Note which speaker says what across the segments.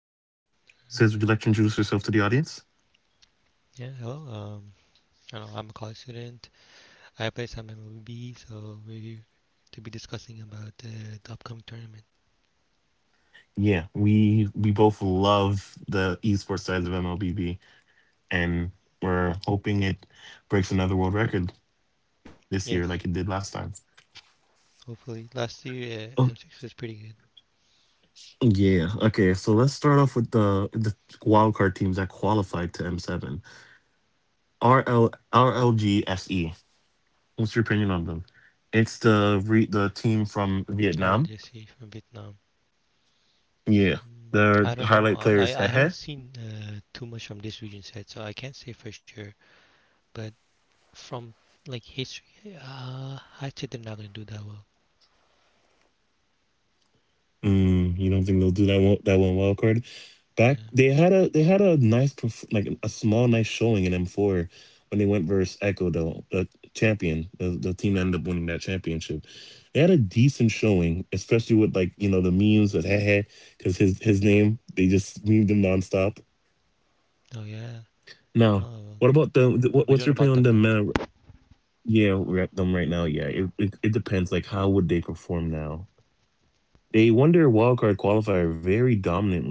Speaker 1: Sis, would you like to introduce yourself to the audience?
Speaker 2: Yeah, hello. I don't know, I'm a college student. I play some MLB, so we're to be discussing about the upcoming tournament.
Speaker 1: Yeah, we both love the esports side of MLBB, and we're hoping it breaks another world record this year, like it did
Speaker 2: Yes,
Speaker 1: last time.
Speaker 2: hopefully. Last
Speaker 1: Oh
Speaker 2: year, M6 was pretty good.
Speaker 1: yeah. Okay, so let's start off with the wildcard teams that qualified to M7. RL RLGSE. What's your opinion on them? It's the team from Vietnam.
Speaker 2: RLJC from Vietnam.
Speaker 1: Yeah, their
Speaker 2: Mm,
Speaker 1: highlight
Speaker 2: I
Speaker 1: player
Speaker 2: don't
Speaker 1: is
Speaker 2: know.
Speaker 1: Hehe.
Speaker 2: I haven't seen too much from this region yet, so I can't say for sure. But from like history, I'd say they're not gonna do that well.
Speaker 1: Mm, you don't think they'll do that one wild card back? They had a
Speaker 2: Yeah.
Speaker 1: they had a nice like a small nice showing in M4 when they went versus Echo, though the team that ended up winning that championship. They had a decent showing, especially with, like, the memes with Hehe because his name they just memed him nonstop.
Speaker 2: Oh yeah.
Speaker 1: Now, what about
Speaker 2: Oh, okay.
Speaker 1: what's your
Speaker 2: But
Speaker 1: opinion
Speaker 2: we
Speaker 1: on
Speaker 2: don't know about them
Speaker 1: them?
Speaker 2: now.
Speaker 1: Yeah, right, them right now. Yeah, it depends. Like, how would they perform now? They won their wildcard qualifier very dominantly, though.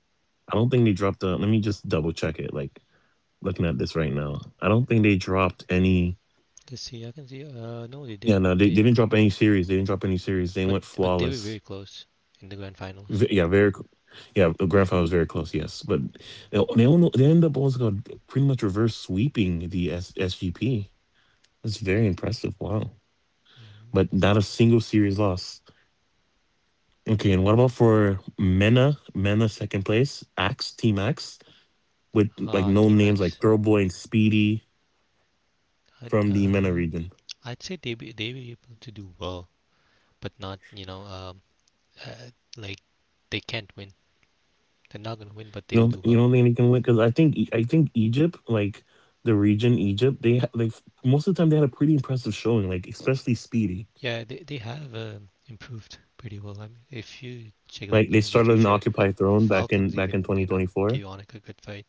Speaker 1: I don't think they dropped. Let me just double check it. Like, looking at this right now, I don't think they dropped any.
Speaker 2: Let's see. I can see.
Speaker 1: Yeah,
Speaker 2: No,
Speaker 1: no,
Speaker 2: they
Speaker 1: they,
Speaker 2: did.
Speaker 1: they didn't drop
Speaker 2: They
Speaker 1: any series. They didn't drop any series. They went
Speaker 2: But
Speaker 1: flawless.
Speaker 2: they were very close in the grand
Speaker 1: Yeah,
Speaker 2: finals.
Speaker 1: Yeah, the grand final was very close.
Speaker 2: Um,
Speaker 1: Yes, but they ended up also pretty much reverse sweeping the SGP. That's very impressive. Wow, but not a single series loss. Okay, and what about
Speaker 2: yeah.
Speaker 1: for Mena? Mena second place, Axe Team Axe with, like, known
Speaker 2: Ah,
Speaker 1: names like
Speaker 2: Team
Speaker 1: Throwboy
Speaker 2: X.
Speaker 1: and Speedy from the
Speaker 2: I'd,
Speaker 1: Mena region.
Speaker 2: um, I'd say they were able to do well, but not uh, like they can't win. They're not gonna
Speaker 1: You
Speaker 2: win,
Speaker 1: don't
Speaker 2: but
Speaker 1: you
Speaker 2: they'll
Speaker 1: don't
Speaker 2: do
Speaker 1: think they
Speaker 2: well.
Speaker 1: can win? Because I think I think Egypt, like the region Egypt, like most of the time they had a pretty impressive showing, like especially Speedy.
Speaker 2: Yeah, they have improved pretty well. I mean, if you
Speaker 1: Like they
Speaker 2: check like
Speaker 1: started
Speaker 2: games of
Speaker 1: an
Speaker 2: the
Speaker 1: Occupy
Speaker 2: future,
Speaker 1: Throne back in
Speaker 2: Falcons even
Speaker 1: 2024.
Speaker 2: gave Onik a good fight,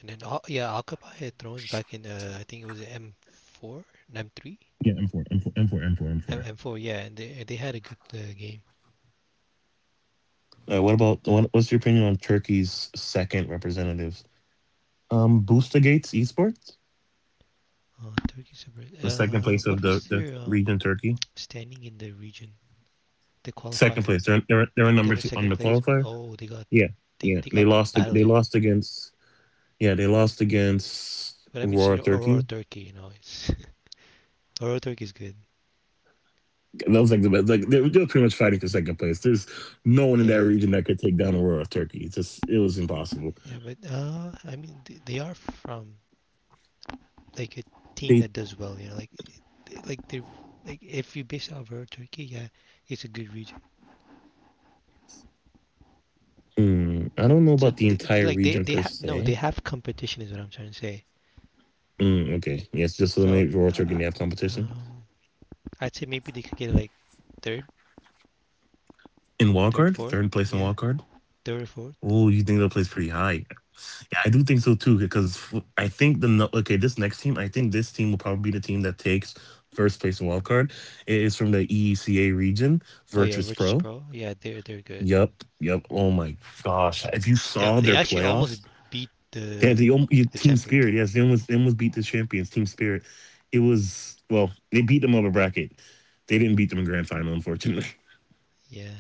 Speaker 2: and then Alcapai had thrones back in I think it was M four, M three,
Speaker 1: Yeah, M4, M4, M4, M4, M4.
Speaker 2: M four. Yeah, and they had a good game.
Speaker 1: What's your opinion on Turkey's second representatives? Booster Gates Esports.
Speaker 2: Turkey
Speaker 1: The
Speaker 2: separate.
Speaker 1: second place of the,
Speaker 2: What
Speaker 1: the
Speaker 2: was their
Speaker 1: region Turkey.
Speaker 2: standing in the region, the
Speaker 1: Second place. They're
Speaker 2: qualifier?
Speaker 1: they're they're in number 2
Speaker 2: They
Speaker 1: on
Speaker 2: were in
Speaker 1: the
Speaker 2: second
Speaker 1: qualifier.
Speaker 2: place, but oh,
Speaker 1: Yeah, yeah. They
Speaker 2: they
Speaker 1: lost.
Speaker 2: got beat
Speaker 1: They lost
Speaker 2: badly.
Speaker 1: against. Yeah, they lost against
Speaker 2: But I
Speaker 1: Aurora
Speaker 2: mean, it's
Speaker 1: Turkey.
Speaker 2: Aurora Turkey, you know, it's Aurora Turkey is good.
Speaker 1: That was like the best. Like they pretty much fighting for second place. There's no one in that
Speaker 2: Yeah,
Speaker 1: region that could take down Aurora Turkey. It's just it was impossible.
Speaker 2: yeah, but I mean, they are from like a
Speaker 1: They.
Speaker 2: team that does well, you know, like they- like they like if you base out of Aurora Turkey, yeah, it's a good region.
Speaker 1: Mm, I don't know about the
Speaker 2: So
Speaker 1: entire region per
Speaker 2: they have
Speaker 1: se.
Speaker 2: no, they have competition is what I'm trying to say.
Speaker 1: Mm, okay. Yes, just eliminate
Speaker 2: So
Speaker 1: Aurora Turkey and they have
Speaker 2: uh,
Speaker 1: competition
Speaker 2: um, I'd say maybe they could get like third,
Speaker 1: in wildcard. Third
Speaker 2: fourth.
Speaker 1: place in
Speaker 2: Yeah,
Speaker 1: wildcard.
Speaker 2: third or fourth.
Speaker 1: Oh, you think they'll place pretty high? Yeah, I do think so too, because f- I think the no- okay, this next team, I think this team will probably be the team that takes first place wild card. It is from the EECA region,
Speaker 2: Oh
Speaker 1: Virtus
Speaker 2: yeah,
Speaker 1: Pro.
Speaker 2: Virtus Pro. Yeah, they're good.
Speaker 1: Yep, yep. Oh my gosh! If you saw their
Speaker 2: They actually
Speaker 1: playoffs,
Speaker 2: almost beat
Speaker 1: they had
Speaker 2: the
Speaker 1: yeah, Team
Speaker 2: champion
Speaker 1: Spirit.
Speaker 2: team.
Speaker 1: Yes, they almost beat the champions, Team Spirit. It was Well, they beat them upper bracket. They didn't beat them in grand final, unfortunately,
Speaker 2: Yeah,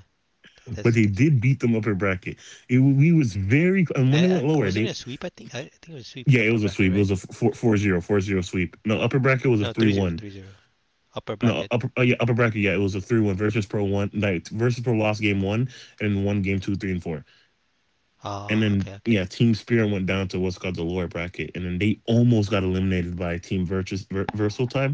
Speaker 1: but they
Speaker 2: that's
Speaker 1: did
Speaker 2: pretty
Speaker 1: beat them upper bracket. We was very, and when
Speaker 2: good.
Speaker 1: they went
Speaker 2: And I,
Speaker 1: lower, they.
Speaker 2: wasn't it a sweep? I think it was a sweep
Speaker 1: Yeah,
Speaker 2: in
Speaker 1: it
Speaker 2: the
Speaker 1: was a
Speaker 2: upper
Speaker 1: sweep.
Speaker 2: bracket,
Speaker 1: It was a
Speaker 2: right?
Speaker 1: 4 zero sweep. No, upper bracket was a
Speaker 2: No,
Speaker 1: 3
Speaker 2: 3-0,
Speaker 1: 1.
Speaker 2: 3-0, upper
Speaker 1: No,
Speaker 2: bracket.
Speaker 1: upper, yeah, upper bracket, yeah, it was a 3-1 versus Pro 1. Like, versus Pro lost game 1 and won game 2, 3, and 4. And
Speaker 2: Ah,
Speaker 1: then,
Speaker 2: okay,
Speaker 1: yeah,
Speaker 2: okay.
Speaker 1: Team Spirit went down to what's called the lower bracket. And then they almost got eliminated by Team Versatile.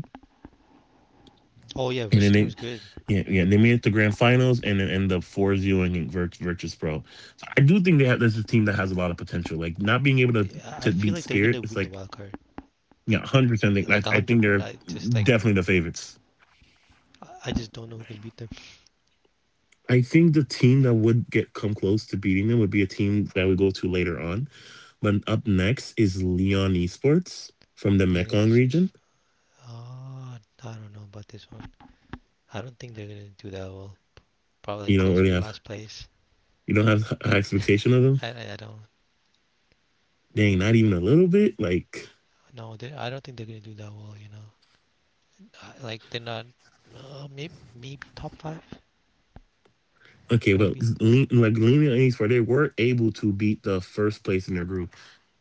Speaker 2: Oh yeah,
Speaker 1: And then
Speaker 2: Versatile is good.
Speaker 1: yeah, yeah, they made it to grand finals and then end up 4 0ing Virtus Pro. So I do think this is a team that has a lot of potential. Like, not being able to, to
Speaker 2: I feel
Speaker 1: beat
Speaker 2: like they're
Speaker 1: Spirit,
Speaker 2: gonna
Speaker 1: it's
Speaker 2: win the
Speaker 1: like,
Speaker 2: wild card,
Speaker 1: yeah,
Speaker 2: like
Speaker 1: 100%. think- I
Speaker 2: like a
Speaker 1: I
Speaker 2: hundred
Speaker 1: think
Speaker 2: per.
Speaker 1: they're
Speaker 2: I just like
Speaker 1: definitely the favorites.
Speaker 2: I I just don't know who can beat them.
Speaker 1: I think the team that would get come close to beating them would be a team that we go to later on. But up next is Leon Esports from the
Speaker 2: The
Speaker 1: Mekong
Speaker 2: NXT is.
Speaker 1: region.
Speaker 2: Oh, I don't know about this one. I don't think they're gonna do that well. Probably
Speaker 1: You don't
Speaker 2: closer
Speaker 1: really
Speaker 2: to
Speaker 1: have
Speaker 2: last place.
Speaker 1: you don't have high expectation of them.
Speaker 2: I don't
Speaker 1: Dang, not even a little bit. Like,
Speaker 2: know. I don't think they're gonna do that well. You know, like they're not. Maybe maybe top five.
Speaker 1: okay, well,
Speaker 2: Maybe.
Speaker 1: Like Leon Esports, they were able to beat the first place in their group,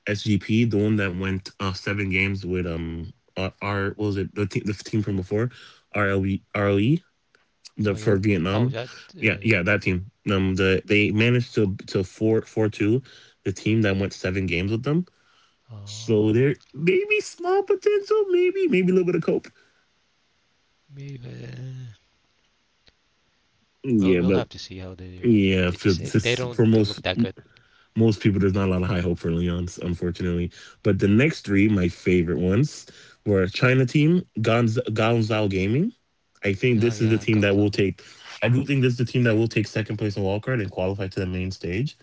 Speaker 1: SGP, the one that went 7 games with our what was it, the team from before, RLE, the
Speaker 2: Oh
Speaker 1: for
Speaker 2: yeah. Oh
Speaker 1: Vietnam.
Speaker 2: that.
Speaker 1: Yeah, yeah, that team. They managed to four four two, the team that went 7 games with them. So
Speaker 2: Oh
Speaker 1: there maybe small potential, maybe a little bit of cope.
Speaker 2: maybe. We'll
Speaker 1: Yeah,
Speaker 2: we'll
Speaker 1: but
Speaker 2: have to see how they do.
Speaker 1: yeah,
Speaker 2: They just they
Speaker 1: for
Speaker 2: don't do look
Speaker 1: most
Speaker 2: that good.
Speaker 1: most people, there's not a lot of high hope for Leon's, unfortunately. But the next three, my favorite ones, were China team, Gonzal Gaming. I think
Speaker 2: Yeah,
Speaker 1: this is the
Speaker 2: yeah,
Speaker 1: team that
Speaker 2: Gangzhou.
Speaker 1: will take. I do think this is the team that will take second place in wildcard and qualify to the main stage.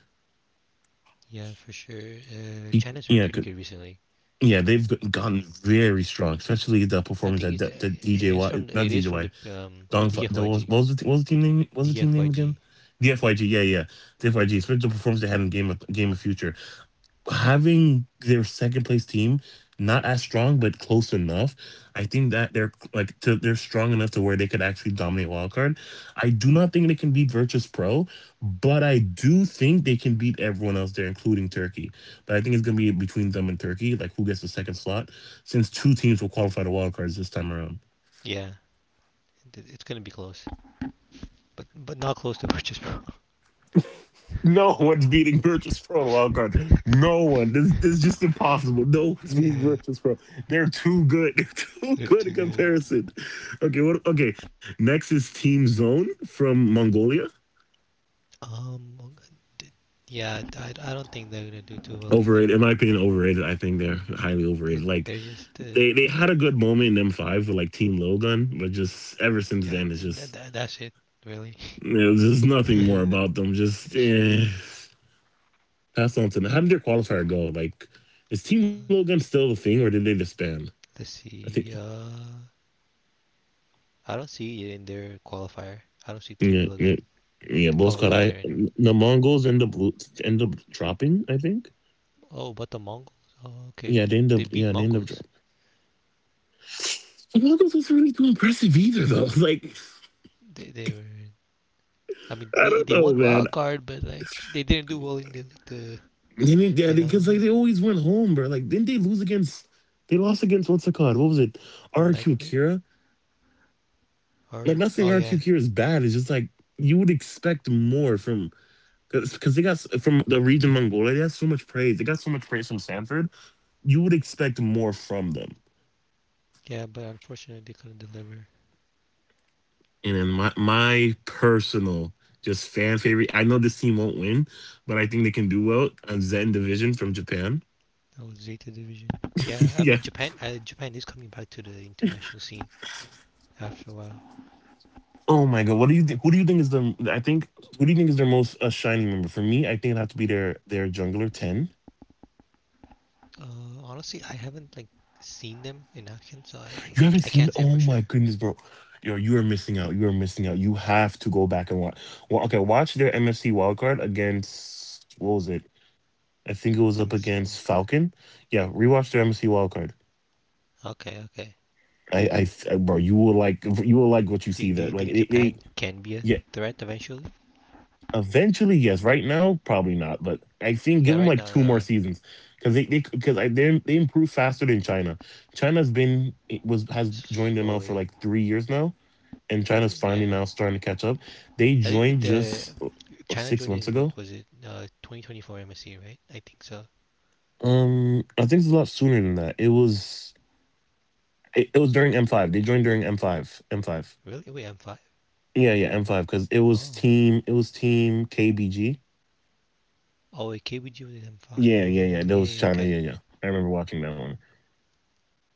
Speaker 2: Yeah, for sure. China's been
Speaker 1: Yeah,
Speaker 2: pretty
Speaker 1: 'cause,
Speaker 2: good recently.
Speaker 1: yeah, they've gotten very strong, especially the
Speaker 2: I
Speaker 1: performance
Speaker 2: think
Speaker 1: that
Speaker 2: it's
Speaker 1: that that
Speaker 2: it is
Speaker 1: DJY,
Speaker 2: from
Speaker 1: not
Speaker 2: the
Speaker 1: DJY, Dong. What was
Speaker 2: DFYG.
Speaker 1: what was the t- what was the team name? What was the team name again? The FYG. Yeah, yeah, the FYG. Especially the performance they had in Game of Future, having their second place team not as strong but close enough. I think that they're strong enough to where they could actually dominate wildcard. I do not think they can beat Virtus Pro, but I do think they can beat everyone else there, including Turkey. But I think it's going to be between them and Turkey, like, who gets the second slot, since two teams will qualify to wildcards this time around.
Speaker 2: Yeah, it's gonna be close. But not close to purchase pro.
Speaker 1: No one's beating Virtus Pro in the wild card. No one. This is just impossible. No one's beating Virtus Pro. They're too good. They're too
Speaker 2: They're
Speaker 1: good
Speaker 2: too
Speaker 1: in
Speaker 2: good.
Speaker 1: comparison. Okay, what okay. Next is Team Zone from Mongolia.
Speaker 2: Um, yeah, I don't think they're gonna do too well either.
Speaker 1: Overrated, in my opinion, overrated. I think they're highly
Speaker 2: They-
Speaker 1: overrated. Like
Speaker 2: They're just
Speaker 1: they had a good moment in M5 with like Team Logan, but just ever since
Speaker 2: yeah,
Speaker 1: then it's just
Speaker 2: that's it really.
Speaker 1: there's just nothing more about them. Just pass on to them. How did their qualifier go? Like, is Team Logan still the thing or did they disband?
Speaker 2: Let's
Speaker 1: I think
Speaker 2: see. I don't see it in their qualifier. I don't see Team
Speaker 1: Yeah,
Speaker 2: Delagun.
Speaker 1: yeah, yeah.
Speaker 2: They're probably
Speaker 1: Both got
Speaker 2: not there
Speaker 1: I
Speaker 2: anyway.
Speaker 1: The Mongols end up dropping. I think.
Speaker 2: Oh, but the Mongols. Oh, okay,
Speaker 1: Yeah, they end
Speaker 2: they
Speaker 1: up.
Speaker 2: beat
Speaker 1: Yeah, they end up
Speaker 2: Mongols.
Speaker 1: dropping. The Mongols wasn't really too impressive either, though. Like,
Speaker 2: They were. I mean,
Speaker 1: I don't
Speaker 2: they
Speaker 1: know,
Speaker 2: won
Speaker 1: man.
Speaker 2: wild card, but like they didn't do well in the
Speaker 1: They didn't, yeah,
Speaker 2: you know
Speaker 1: because, like, they always went home, bro. Like, didn't they lose against? They lost against what's it called? What was it? RQ
Speaker 2: nightmare
Speaker 1: Kira.
Speaker 2: or
Speaker 1: Like, not saying
Speaker 2: oh yeah
Speaker 1: RQ Kira is bad. It's just, like, you would expect more from, because they got from the region Mongolia. They got so much praise. They got so much praise from Sanford. You would expect more from them.
Speaker 2: yeah. But unfortunately, they couldn't deliver.
Speaker 1: And in my personal, just fan favorite, I know this team won't win, but I think they can do well on Zen Division from Japan.
Speaker 2: Oh, Zeta Division. Yeah, I
Speaker 1: Yeah.
Speaker 2: mean Japan. Japan is coming back to the international scene after a while.
Speaker 1: Oh my god, what do you think? Who do you think is the? I think, who do you think is their most shining member? For me, I think it'd have to be their jungler ten.
Speaker 2: Honestly, I haven't seen them in action, so I I,
Speaker 1: You haven't
Speaker 2: I- can't
Speaker 1: seen?
Speaker 2: say for
Speaker 1: Oh
Speaker 2: sure.
Speaker 1: my goodness, bro! Yo, you are missing out. You are missing out. You have to go back and watch. Well, okay, watch their MSC wildcard against what was it? I think it was up
Speaker 2: MSC World
Speaker 1: against
Speaker 2: Cup.
Speaker 1: Falcon. Yeah, rewatch their MSC wildcard.
Speaker 2: Okay, okay.
Speaker 1: Bro, you will like, what you see
Speaker 2: Do
Speaker 1: there.
Speaker 2: you
Speaker 1: Like,
Speaker 2: think
Speaker 1: they,
Speaker 2: Japan can be a
Speaker 1: yeah,
Speaker 2: threat eventually?
Speaker 1: eventually, yes. Right now, probably not, but I think
Speaker 2: Yeah,
Speaker 1: give them
Speaker 2: right
Speaker 1: like
Speaker 2: now,
Speaker 1: two more seasons because they, because I, they improve faster than China. China's been, it was has joined them out for
Speaker 2: slowly.
Speaker 1: like 3 years now, and China's
Speaker 2: Yeah,
Speaker 1: finally now starting to catch up. They
Speaker 2: I think
Speaker 1: joined
Speaker 2: the
Speaker 1: just
Speaker 2: China
Speaker 1: six
Speaker 2: joined
Speaker 1: months
Speaker 2: in.
Speaker 1: ago.
Speaker 2: What was it? 2024 MSC, right? I think so.
Speaker 1: I think it's a lot sooner than that. It was during M5. They joined during M5, M5.
Speaker 2: Really? Wait, M5.
Speaker 1: Yeah, yeah, M5 because it was
Speaker 2: Oh.
Speaker 1: team, it was team KBG.
Speaker 2: Oh, wait, KBG was in M5.
Speaker 1: Yeah, yeah, yeah.
Speaker 2: Oh,
Speaker 1: That
Speaker 2: yeah,
Speaker 1: was
Speaker 2: yeah,
Speaker 1: China.
Speaker 2: okay.
Speaker 1: Yeah, yeah. I remember watching that one.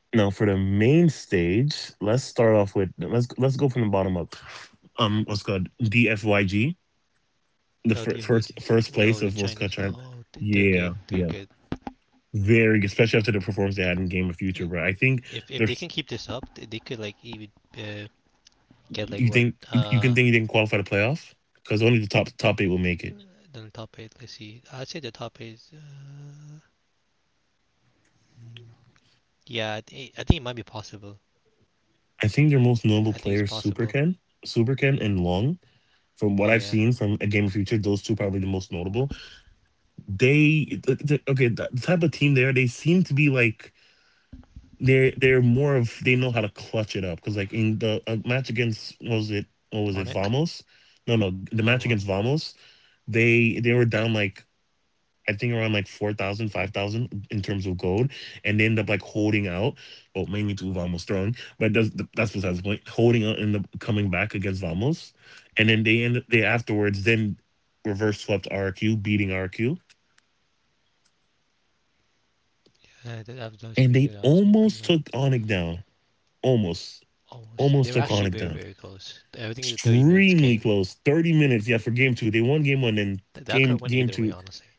Speaker 1: Now for the main stage, let's start off with, let's go from the bottom up. What's called DFYG, the
Speaker 2: Oh,
Speaker 1: fir-
Speaker 2: the OG.
Speaker 1: first first place
Speaker 2: No, the
Speaker 1: of what's called
Speaker 2: Chinese.
Speaker 1: China.
Speaker 2: Oh, they're good.
Speaker 1: Yeah,
Speaker 2: They're
Speaker 1: yeah.
Speaker 2: good.
Speaker 1: Very good, especially after the performance they had in Game of Future.
Speaker 2: Eh,
Speaker 1: But I think
Speaker 2: if they
Speaker 1: there's
Speaker 2: can keep this up, they could like even uh, get like what
Speaker 1: you can think you didn't qualify to playoff because only the top eight will make it.
Speaker 2: the top eight. Let's see. I'd say the top eight. Yeah, I think it might be possible.
Speaker 1: I think their most notable
Speaker 2: I think it's
Speaker 1: players, Super
Speaker 2: possible.
Speaker 1: Ken, Super Ken, and Long. From what
Speaker 2: Oh
Speaker 1: I've
Speaker 2: yeah,
Speaker 1: seen from a Game of Future, those two probably the most notable. They Okay, the type of team, there they seem to be like they're more of, they know how to clutch it up, because like in the match against, what was it,
Speaker 2: Onik.
Speaker 1: Vamos, no, the match
Speaker 2: No,
Speaker 1: against
Speaker 2: Wamak.
Speaker 1: Vamos. They were down like, I think, around like 4,000 5,000 in terms of gold, and they end up like holding out. Well, mainly to Vamos throwing, but that's besides the point. Holding out and the coming back against Vamos, and then they afterwards then reverse swept RQ, beating RQ,
Speaker 2: That was
Speaker 1: and
Speaker 2: pretty
Speaker 1: they
Speaker 2: good, honestly. Beating
Speaker 1: almost
Speaker 2: Ari
Speaker 1: took Onik down. Almost,
Speaker 2: almost. They
Speaker 1: almost
Speaker 2: were
Speaker 1: took
Speaker 2: actually
Speaker 1: Onik down.
Speaker 2: very close. Everything was a 30 minutes
Speaker 1: Extremely
Speaker 2: game.
Speaker 1: close. 30 minutes. Yeah, for game two, they won game one, and
Speaker 2: That could
Speaker 1: game
Speaker 2: have went
Speaker 1: game
Speaker 2: either way,
Speaker 1: two,
Speaker 2: honestly.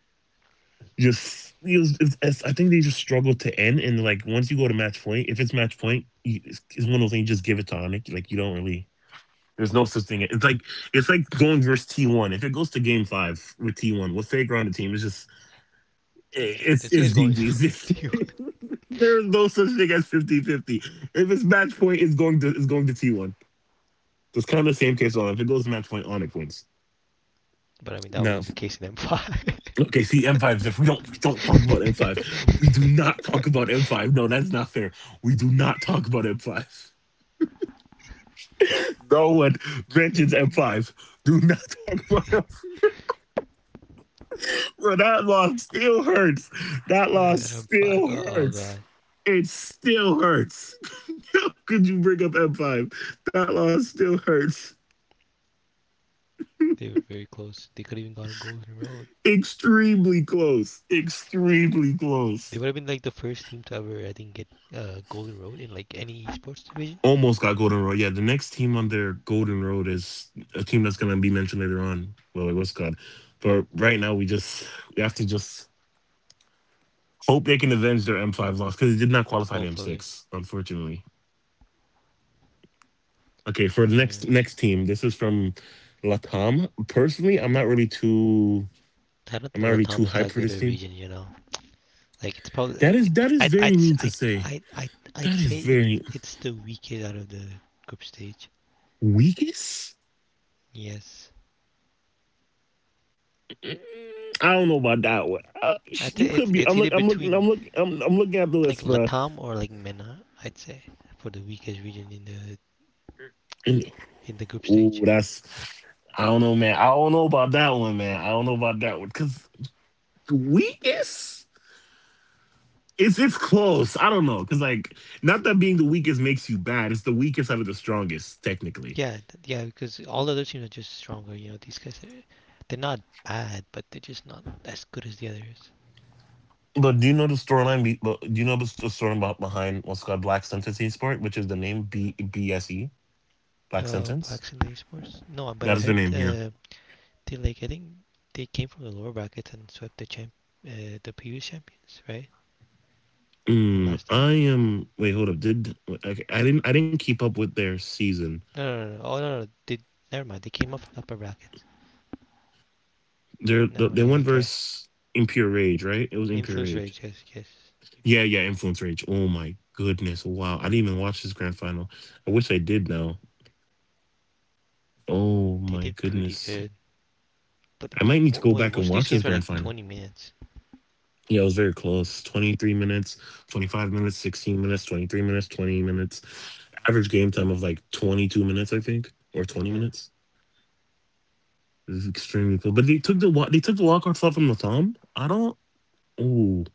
Speaker 1: just it was, it's- I think they just struggled to end. And like, once you go to match point, if it's match point, it's one of those things. You just give it to Onik. Like, you don't really. There's no such thing. It's like going versus T one. If it goes to game five with T one, what's they ground the team? It's just. Hey,
Speaker 2: Yeah,
Speaker 1: it's
Speaker 2: this guy's
Speaker 1: it's
Speaker 2: going.
Speaker 1: GG's.
Speaker 2: to you.
Speaker 1: There's no such thing as 50-50. If it's match point, it's going to T1. So it's kind of the same case on. If it goes to match point, Onyx wins.
Speaker 2: But I mean, that
Speaker 1: No.
Speaker 2: wasn't the case in M5.
Speaker 1: Okay, see M5. If we don't talk about M5, we do not talk about M5. No, that's not fair. We do not talk about M5. No one mentions M5. Do not talk about. Bro, that loss still hurts. That loss
Speaker 2: Yeah, five.
Speaker 1: still
Speaker 2: Oh
Speaker 1: hurts.
Speaker 2: god,
Speaker 1: It still hurts. How could you bring up M5? That loss still hurts.
Speaker 2: they were very close. They could have even gone Golden Road.
Speaker 1: Extremely close. Extremely close.
Speaker 2: They would have been like the first team to ever, I think, get Golden Road in like any sports division.
Speaker 1: Almost got Golden Road. Yeah, the next team on their Golden Road is a team that's going to be mentioned later on. Well, it was God. But right now, we have to just hope they can avenge their M5 loss because it did not qualify to
Speaker 2: Hopefully,
Speaker 1: M6, unfortunately. Okay, for the
Speaker 2: or
Speaker 1: next team, this is from Latam. Personally,
Speaker 2: I don't
Speaker 1: I'm not
Speaker 2: think
Speaker 1: really too
Speaker 2: Latam is
Speaker 1: hyped
Speaker 2: that
Speaker 1: for
Speaker 2: good
Speaker 1: this
Speaker 2: a
Speaker 1: team.
Speaker 2: region. You know, like it's probably
Speaker 1: That is
Speaker 2: it.
Speaker 1: that is
Speaker 2: I I
Speaker 1: very mean to
Speaker 2: I
Speaker 1: say.
Speaker 2: I I I'd
Speaker 1: That is
Speaker 2: say
Speaker 1: very
Speaker 2: it's the weakest out of the group stage.
Speaker 1: weakest.
Speaker 2: Yes,
Speaker 1: Mm, I don't know about that one.
Speaker 2: I
Speaker 1: You
Speaker 2: think
Speaker 1: could be. I'm
Speaker 2: it's
Speaker 1: look.
Speaker 2: either
Speaker 1: I'm looking.
Speaker 2: between
Speaker 1: I'm looking. I'm looking at the
Speaker 2: like
Speaker 1: list, bro.
Speaker 2: Latam or like MENA. I'd say for the weakest region
Speaker 1: And
Speaker 2: in the group
Speaker 1: ooh,
Speaker 2: stage.
Speaker 1: that's. I don't know, man. I don't know about that one, man. I don't know about that one because the weakest. It's close. I don't know, cause like, not that being the weakest makes you bad. It's the weakest out of the strongest, technically.
Speaker 2: Yeah, because all the other teams are just stronger. You know, they're not bad, but they're just not as good as the others.
Speaker 1: But do you know the storyline? But do you know the story about behind what's called Black Sentence Esport, which is the name BBSE, Black Sentence?
Speaker 2: Blacks in the esports? No, but I
Speaker 1: That is
Speaker 2: heard
Speaker 1: their name. Yeah.
Speaker 2: they like I think they came from the lower brackets and swept the champ, the previous champions, right? From
Speaker 1: Mm,
Speaker 2: last time?
Speaker 1: I am. Wait, hold up. Did Okay, I didn't keep up with their season.
Speaker 2: No, no, no, no. Oh no, no. Did never mind. They came up from upper brackets.
Speaker 1: The, their
Speaker 2: Never mind.
Speaker 1: one
Speaker 2: Yeah, okay.
Speaker 1: verse Impure Rage, right? It was Impure
Speaker 2: Influence
Speaker 1: Rage.
Speaker 2: rage. Yes, yes.
Speaker 1: Yeah, yeah, Influence Rage. Oh my goodness! Wow, I didn't even watch this grand final. I wish I did now. Oh
Speaker 2: They
Speaker 1: my
Speaker 2: did pretty
Speaker 1: goodness.
Speaker 2: good, but
Speaker 1: I might need to go
Speaker 2: wait,
Speaker 1: back
Speaker 2: most
Speaker 1: and
Speaker 2: of these
Speaker 1: watch this
Speaker 2: games are like
Speaker 1: grand final.
Speaker 2: 20 minutes.
Speaker 1: Yeah, it was very close. 23 minutes, 25 minutes, 16 minutes, 23 minutes, 20 minutes. Average game time of like 22 minutes, I think, or 20
Speaker 2: Yeah,
Speaker 1: minutes. This is extremely cool. But they took the walk-off slot from Latom. Oh,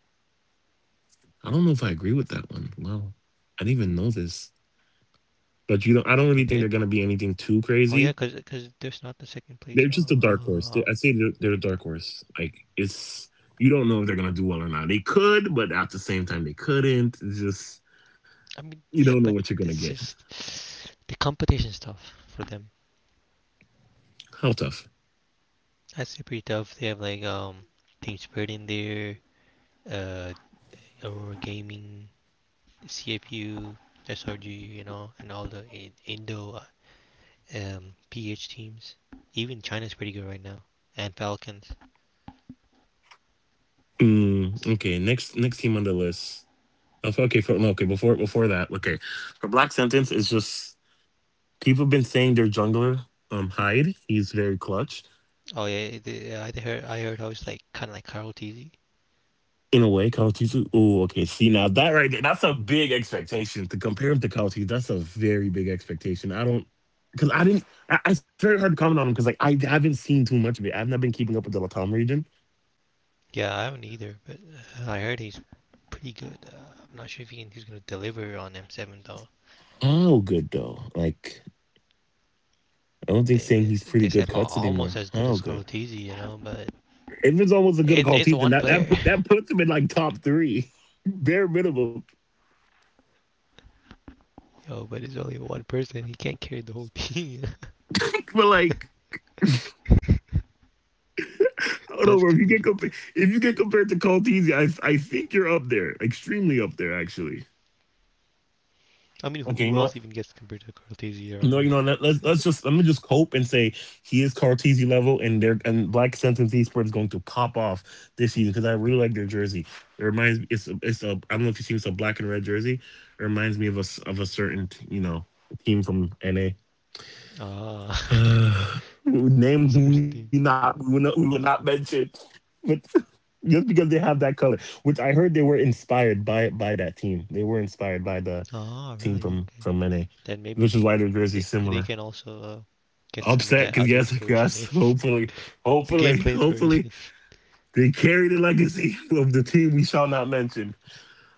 Speaker 1: I don't know if I agree with that one. Wow. I didn't even know this. But you don't I don't
Speaker 2: they
Speaker 1: really think
Speaker 2: did.
Speaker 1: they're gonna be anything too
Speaker 2: Oh yeah,
Speaker 1: crazy.
Speaker 2: 'cause there's not the second place.
Speaker 1: They're just a dark horse.
Speaker 2: Oh,
Speaker 1: I say they're a dark horse. Like, it's you don't know if they're gonna do well or not. They could, but at the same time they couldn't. It's just,
Speaker 2: I mean
Speaker 1: you
Speaker 2: yeah,
Speaker 1: don't know
Speaker 2: but
Speaker 1: what you're gonna
Speaker 2: it's
Speaker 1: get.
Speaker 2: just the competition's tough for them.
Speaker 1: How tough.
Speaker 2: That's pretty tough. They have like Team Spirit in there, uh, Aurora Gaming, CFU, SRG, you know, and all the Indo PH teams. Even China's pretty good right now, and Falcons.
Speaker 1: Okay, next team on the list. Oh, okay, for, no, okay. Before that, okay. For Black Sentence, it's just people have been saying their jungler, Hyde. He's very clutch.
Speaker 2: Oh yeah, I heard how it's like kind of like Carl Teasy.
Speaker 1: In a way, Kawatisu. Oh, okay. See, now that right there, that's a big expectation. To compare him to Kawatisu, that's a very big expectation. I don't because I didn't I, It's very hard to comment on him because like I haven't seen too much of it. I've not been keeping up with the Latam region.
Speaker 2: Yeah, I haven't either, but I heard he's pretty good. I'm not sure if he's gonna deliver on M7 though.
Speaker 1: How good though? Like, I don't think
Speaker 2: They
Speaker 1: saying
Speaker 2: they,
Speaker 1: he's pretty
Speaker 2: they
Speaker 1: good
Speaker 2: said
Speaker 1: cuts anymore.
Speaker 2: almost as good
Speaker 1: How
Speaker 2: as
Speaker 1: good?
Speaker 2: Carlotizzi, you know, but
Speaker 1: If it's almost as good as
Speaker 2: it's
Speaker 1: Kawatisu, then
Speaker 2: one
Speaker 1: that that
Speaker 2: player.
Speaker 1: put, that puts him in like top three. Bare minimum.
Speaker 2: Yo, but it's only one person. He can't carry the whole team.
Speaker 1: But like, I don't
Speaker 2: That's
Speaker 1: know, bro.
Speaker 2: good to be tough.
Speaker 1: If you get compared to Caltese, I think you're up there, extremely up there, actually.
Speaker 2: I mean,
Speaker 1: Okay,
Speaker 2: who
Speaker 1: you know
Speaker 2: else
Speaker 1: what?
Speaker 2: even gets compared to Carlotizzi around
Speaker 1: No,
Speaker 2: here?
Speaker 1: you know, let me just cope and say he is Cartesi level, and Black Sentence Esports is going to pop off this season because I really like their jersey. It reminds me, it's a I don't know if you've seen, it's a black and red jersey. It reminds me of a certain, team from NA.
Speaker 2: Ah,
Speaker 1: Name who we not we will not we will not mention, but just because they have that color, which I heard they were inspired by that team. They were inspired by the
Speaker 2: ah,
Speaker 1: team
Speaker 2: really?
Speaker 1: from
Speaker 2: Okay.
Speaker 1: NA,
Speaker 2: Then
Speaker 1: which is
Speaker 2: maybe
Speaker 1: why their jersey's similar.
Speaker 2: they can also get some
Speaker 1: Upset
Speaker 2: of that
Speaker 1: because
Speaker 2: other
Speaker 1: yes, I guess
Speaker 2: inspiration in
Speaker 1: hopefully,
Speaker 2: the
Speaker 1: hopefully,
Speaker 2: gameplay
Speaker 1: hopefully
Speaker 2: inspiration.
Speaker 1: they carry the legacy of the team we shall not mention.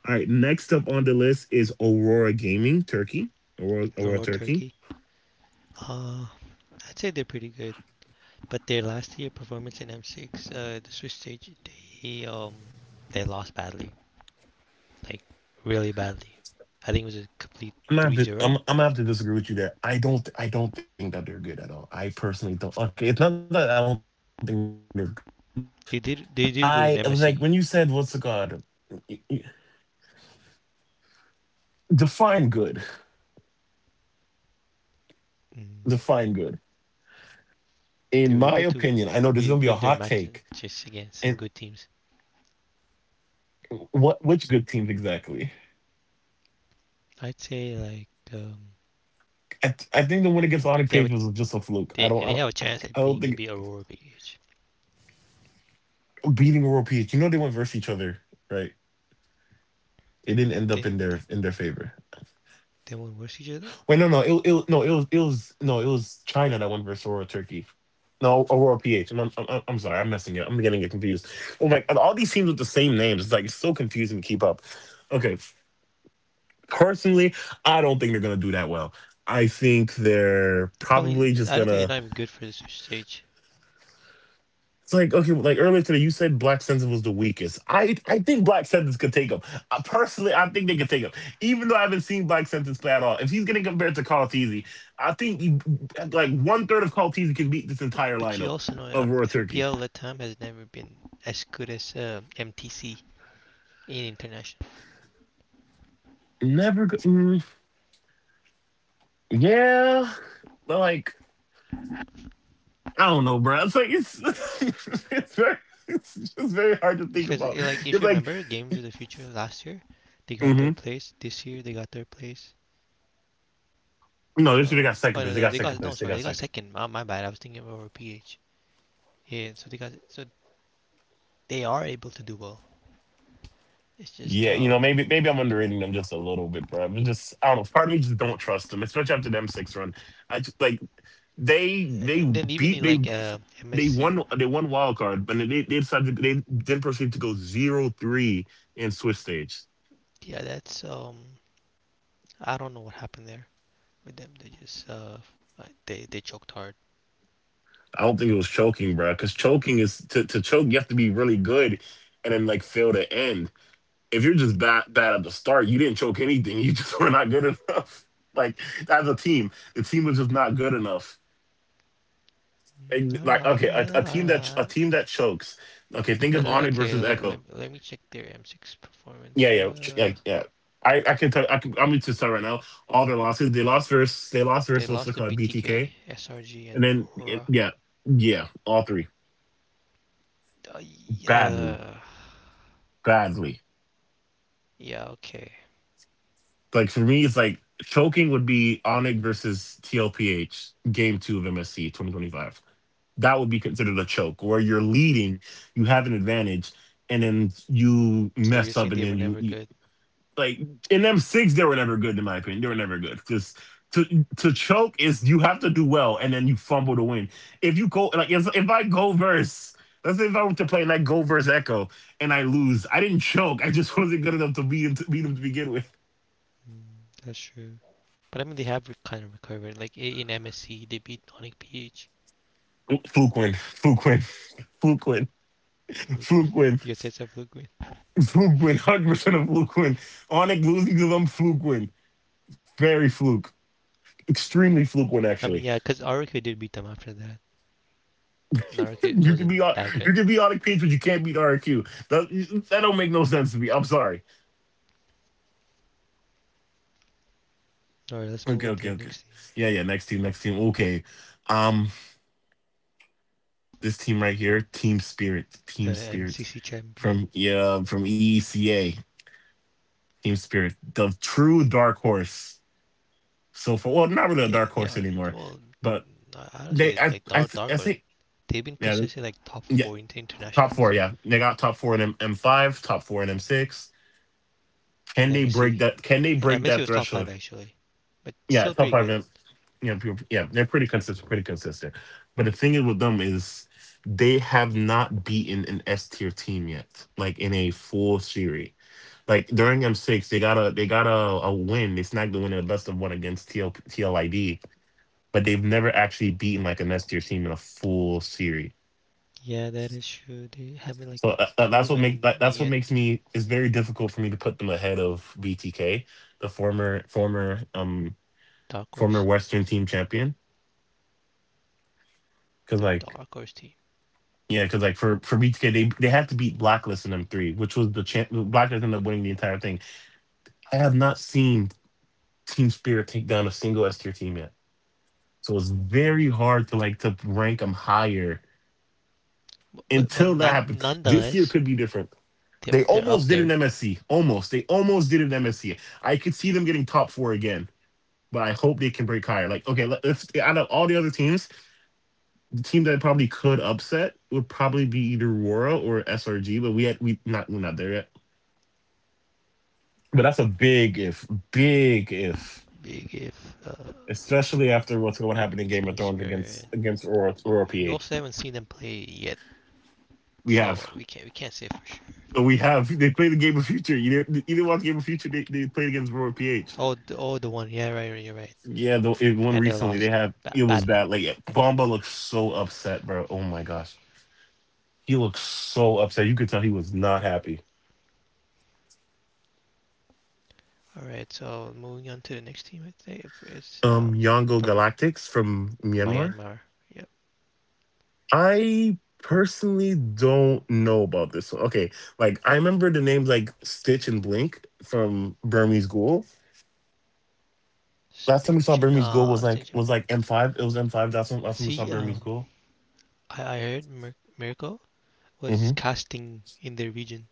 Speaker 1: All right, next up on the list is Aurora Gaming Turkey, Aurora, Aurora
Speaker 2: Or
Speaker 1: Turkey.
Speaker 2: Turkey. Uh, I'd say they're pretty good, but their last year performance in M6, the Swiss stage, they um they lost badly, like really badly. I think it was a complete three zero.
Speaker 1: I'm gonna have to disagree with you there. I don't think that they're good at all. I personally don't. Okay, it's not that I don't think they're good. I It was like when you said what's the
Speaker 2: They did
Speaker 1: god,
Speaker 2: good in MSC.
Speaker 1: define good, define good.
Speaker 2: Mm,
Speaker 1: In my opinion, I
Speaker 2: they
Speaker 1: know
Speaker 2: were
Speaker 1: this is
Speaker 2: able
Speaker 1: gonna be a
Speaker 2: to
Speaker 1: hot take.
Speaker 2: win their matches
Speaker 1: And
Speaker 2: against some good teams.
Speaker 1: what which good teams exactly?
Speaker 2: I'd say like
Speaker 1: I think the win against Onyx Page
Speaker 2: they have
Speaker 1: was
Speaker 2: a,
Speaker 1: just a fluke.
Speaker 2: they have a
Speaker 1: I
Speaker 2: chance at
Speaker 1: don't think,
Speaker 2: being maybe Aurora BH.
Speaker 1: beating World Peace. You know they went versus each other, right? It didn't end up in
Speaker 2: They
Speaker 1: their
Speaker 2: they
Speaker 1: favor.
Speaker 2: they won't verse each other.
Speaker 1: Wait, no, no, it was China that went versus Aurora Turkey. No, Aurora PH. I'm sorry, I'm messing it up. I'm getting it confused. Oh my, and all these teams with the same names. It's like, it's so confusing to keep up. Okay, personally, I don't think they're gonna do that well. I think they're
Speaker 2: They probably
Speaker 1: probably just
Speaker 2: I don't think they're
Speaker 1: gonna
Speaker 2: not even good for the Swiss stage.
Speaker 1: It's like, okay, like earlier today you said Black Sentence was the weakest. I think Black Sentence could take him. I, personally, I think they could take him, even though I haven't seen Black Sentence play at all. If he's getting compared to Carl Teasy, I think like, one third of Carl Teasy can beat this entire
Speaker 2: But you
Speaker 1: lineup
Speaker 2: also know
Speaker 1: of Raw Turkey.
Speaker 2: MPL Latam has never been as good as MTC in international
Speaker 1: Never, yeah, but like I don't know, bro. It's like it's it's very it's just very hard to think
Speaker 2: because
Speaker 1: about.
Speaker 2: like if
Speaker 1: It's
Speaker 2: you
Speaker 1: like,
Speaker 2: remember Games of the Future last year, they got
Speaker 1: hmm
Speaker 2: third place. This year they got third place.
Speaker 1: no, they should have
Speaker 2: So
Speaker 1: got second place. They got
Speaker 2: they
Speaker 1: second
Speaker 2: got no
Speaker 1: place. They
Speaker 2: sorry,
Speaker 1: got
Speaker 2: they got
Speaker 1: second.
Speaker 2: second. My bad. I was thinking about PH. Yeah. So they got so they are able to do well. It's just
Speaker 1: Yeah, you know, maybe maybe I'm underrating them just a little bit, bro. But just I don't know. Part of me just don't trust them, especially after them six run. I just, like, they they
Speaker 2: and then even
Speaker 1: beat
Speaker 2: in
Speaker 1: they
Speaker 2: like
Speaker 1: they
Speaker 2: MSC.
Speaker 1: won they won wild card, but they then proceeded to go 0-3 in Swiss stage.
Speaker 2: Yeah that's I don't know what happened there with them. They just they choked hard.
Speaker 1: I don't think it was choking, bro, because choking is, to choke you have to be really good and then like fail to end. If you're just bad at the start, you didn't choke anything. You just were not good enough. Like, as a team, the team was just not good enough. And, like,
Speaker 2: Alright,
Speaker 1: okay, a
Speaker 2: alright.
Speaker 1: team that chokes. Okay, think of Onyx versus Echo.
Speaker 2: Let me check their M6
Speaker 1: Yeah,
Speaker 2: performance.
Speaker 1: yeah, yeah, yeah. I can tell I can, I'm into start right now. All their losses, they lost versus they lost
Speaker 2: They
Speaker 1: versus what's
Speaker 2: lost
Speaker 1: it
Speaker 2: to
Speaker 1: called,
Speaker 2: BTK,
Speaker 1: BTK,
Speaker 2: SRG,
Speaker 1: and
Speaker 2: and
Speaker 1: then yeah,
Speaker 2: Aura.
Speaker 1: yeah, yeah, all three badly,
Speaker 2: Yeah,
Speaker 1: badly.
Speaker 2: yeah, okay.
Speaker 1: Like, for me, it's like choking would be Onyx versus TLPH game two of MSC 2025. That would be considered a choke where you're leading, you have an advantage, and then you
Speaker 2: So you're
Speaker 1: mess up,
Speaker 2: saying
Speaker 1: and
Speaker 2: they were
Speaker 1: then you
Speaker 2: never
Speaker 1: you,
Speaker 2: good,
Speaker 1: Like in them six, they were never good in my opinion. They were never good. Just to choke is you have to do well and then you fumble to win. If you go like if I go verse, let's say if I went to play and I go verse echo and I lose, I didn't choke. I just wasn't good enough to beat him to begin with.
Speaker 2: but I mean they have kind of recovered. Like in MSC, they beat Tonic PH.
Speaker 1: Fluke win, fluke win, fluke win,
Speaker 2: Fluke.
Speaker 1: fluke win,
Speaker 2: You said it's a fluke win.
Speaker 1: fluke win, 100% of fluke win. Onik losing to them, fluke win, very fluke, extremely fluke win
Speaker 2: I mean,
Speaker 1: actually.
Speaker 2: yeah, because RQ did beat them after that, and RQ
Speaker 1: You can be
Speaker 2: wasn't
Speaker 1: on
Speaker 2: that good.
Speaker 1: you can be on a page, but you can't beat RQ. That don't make no sense to me. I'm sorry.
Speaker 2: Alright, let's move
Speaker 1: Okay,
Speaker 2: on to the
Speaker 1: okay, okay.
Speaker 2: next team,
Speaker 1: Yeah, yeah. Next team, next team. Okay. Um, this team right here, Team Spirit,
Speaker 2: the
Speaker 1: Team Spirit,
Speaker 2: MCC champion.
Speaker 1: from yeah, from EECA, Team Spirit, the true dark horse. So far, well, not really a dark
Speaker 2: They
Speaker 1: horse
Speaker 2: are
Speaker 1: anymore,
Speaker 2: well.
Speaker 1: but
Speaker 2: I don't
Speaker 1: they,
Speaker 2: say
Speaker 1: I,
Speaker 2: they like
Speaker 1: I, I
Speaker 2: dark or
Speaker 1: think,
Speaker 2: they've been
Speaker 1: yeah,
Speaker 2: consistently like top
Speaker 1: yeah,
Speaker 2: four in the
Speaker 1: top four.
Speaker 2: internationals
Speaker 1: Yeah, they got top four in M5, top four in M6.
Speaker 2: in
Speaker 1: Can they break
Speaker 2: MSC.
Speaker 1: that? Can they
Speaker 2: Uh,
Speaker 1: break that
Speaker 2: was top five
Speaker 1: threshold?
Speaker 2: actually, but
Speaker 1: Yeah,
Speaker 2: still
Speaker 1: top
Speaker 2: pretty
Speaker 1: five.
Speaker 2: good.
Speaker 1: In people, yeah, they're pretty consistent, pretty consistent. But the thing is with them is they have not beaten an S tier team yet, like in a full series. Like during M6, they got a win. They snagged the win in the best of one against TLID, but they've never actually beaten like an S tier team in a full series.
Speaker 2: Yeah, that is true. They haven't like
Speaker 1: So that, that- that's what make
Speaker 2: proven
Speaker 1: that, that's what
Speaker 2: yet.
Speaker 1: makes me it's very difficult for me to put them ahead of BTK, the
Speaker 2: Dark
Speaker 1: former
Speaker 2: Horse,
Speaker 1: Western team champion, because
Speaker 2: the
Speaker 1: like,
Speaker 2: Dark Horse team.
Speaker 1: yeah, because like for me to get they had to beat Blacklist in M3, which was the champ. Blacklist ended up winning the entire thing. I have not seen Team Spirit take down a single S tier team yet, so it's
Speaker 2: Mm-hmm.
Speaker 1: very hard to like to rank them higher
Speaker 2: But
Speaker 1: until that
Speaker 2: none,
Speaker 1: happens. This year
Speaker 2: nonetheless,
Speaker 1: could be different. They
Speaker 2: they're up
Speaker 1: almost did an
Speaker 2: there.
Speaker 1: MSC, almost. They almost did an MSC. I could see them getting top four again, but I hope they can break higher. Like okay, let's out of all the other teams, the team that probably could upset would probably be either Aurora or SRG, but we're not there yet. But that's a big if,
Speaker 2: Big if
Speaker 1: especially after what's going to happen in Game
Speaker 2: Team
Speaker 1: of Thrones
Speaker 2: Spirit.
Speaker 1: against Aurora, Aurora
Speaker 2: We
Speaker 1: PH.
Speaker 2: also haven't seen them play yet,
Speaker 1: We
Speaker 2: so
Speaker 1: have,
Speaker 2: we can't say for sure.
Speaker 1: we have. They played the Game of Future. You didn't watch Game of Future. They played against Aurora PH.
Speaker 2: Oh the one, yeah, right, right, you're right.
Speaker 1: Yeah, the it won
Speaker 2: And they
Speaker 1: recently. They
Speaker 2: lost
Speaker 1: had it was
Speaker 2: badly.
Speaker 1: bad. Like Bomba looked so upset, bro. Oh my gosh, he looked so upset. You could tell he was not happy.
Speaker 2: All right, so moving on to the next team, I think it's
Speaker 1: Yango
Speaker 2: from
Speaker 1: Galactics from Myanmar.
Speaker 2: Myanmar. Yep.
Speaker 1: I personally don't know about this one. Okay, like I remember the names like Stitch and Blink from Burmese Ghoul. Last time we saw
Speaker 2: Stichin.
Speaker 1: Burmese Ghoul
Speaker 2: Stichin.
Speaker 1: was like M5. It was M5. That's when
Speaker 2: But
Speaker 1: last time we saw
Speaker 2: see,
Speaker 1: Burmese Ghoul.
Speaker 2: I heard Mirko was
Speaker 1: Mm-hmm.
Speaker 2: casting in their region,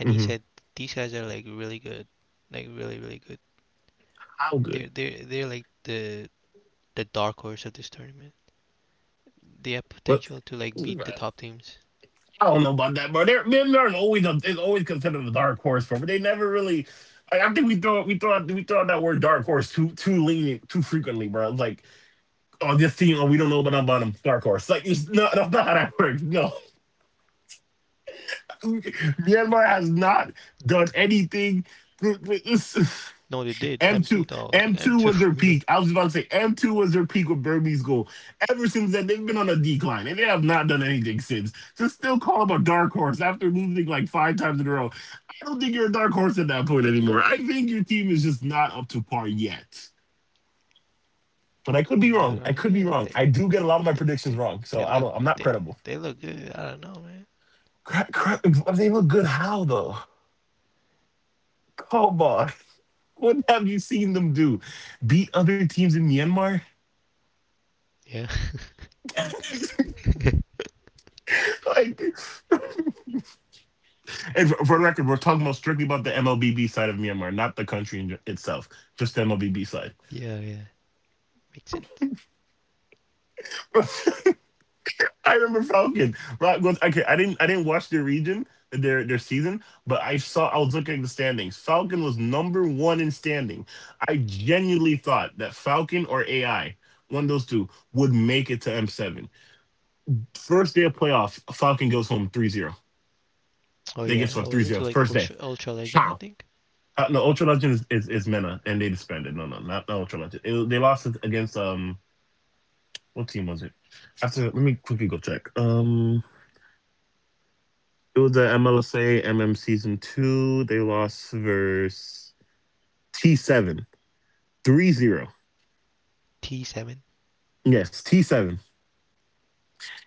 Speaker 2: and he
Speaker 1: Mm-hmm.
Speaker 2: said these guys are like really good, like really really good.
Speaker 1: How good?
Speaker 2: They're like the dark horse of this tournament. They have
Speaker 1: But
Speaker 2: potential to like beat the
Speaker 1: I
Speaker 2: top teams.
Speaker 1: don't know about that, bro. They're always it's always considered a dark horse, bro. But they never really. I think we throw out that word dark horse too lenient too frequently, bro. It's like, oh, this team, oh, we don't know about them, dark horse. Like it's not that's not how that works. No, Myanmar has not done anything.
Speaker 2: No, they did.
Speaker 1: M2,
Speaker 2: M2 though. Like
Speaker 1: M2
Speaker 2: M2.
Speaker 1: was their peak. I was about to say M2 was their peak with Burmese goal. Ever since then, they've been on a decline and they have not done anything since. To still call them a dark horse after losing like five times in a row, I don't think you're a dark horse at that point anymore. I think your team is just not up to par yet. But I could be
Speaker 2: I
Speaker 1: wrong. I
Speaker 2: don't know.
Speaker 1: could be
Speaker 2: Yeah,
Speaker 1: wrong. I do get a lot of my predictions wrong, so
Speaker 2: They
Speaker 1: I
Speaker 2: look
Speaker 1: don't. I'm not
Speaker 2: they
Speaker 1: credible.
Speaker 2: they look good. I don't know, man.
Speaker 1: Cra- cra- they look good. How though? Come on. What have you seen them do? Beat other teams in Myanmar?
Speaker 2: Yeah.
Speaker 1: Like, and for the record, we're talking about strictly about the MLBB side of Myanmar, not the country in itself, just the MLBB side.
Speaker 2: Yeah, yeah. Makes sense.
Speaker 1: I remember Falcon. Rock goes, okay, I didn't watch their region, their season, but I was looking at the standings. Falcon was number one in standing. I genuinely thought that Falcon or AI, one of those two, would make it to M7. First day of playoff, Falcon goes home 3-0.
Speaker 2: Oh
Speaker 1: They get
Speaker 2: yeah, I
Speaker 1: swept
Speaker 2: was
Speaker 1: 3-0.
Speaker 2: into like
Speaker 1: First day.
Speaker 2: Ultra Legends, I
Speaker 1: How?
Speaker 2: think.
Speaker 1: No, Ultra Legend is Mena, and they disbanded. No, no, not Ultra Legend. They lost it against, what team was it? After, let me quickly go check. It was the MLSA MM Season 2. They lost versus T7. 3-0.
Speaker 2: T7,
Speaker 1: Yes, T7.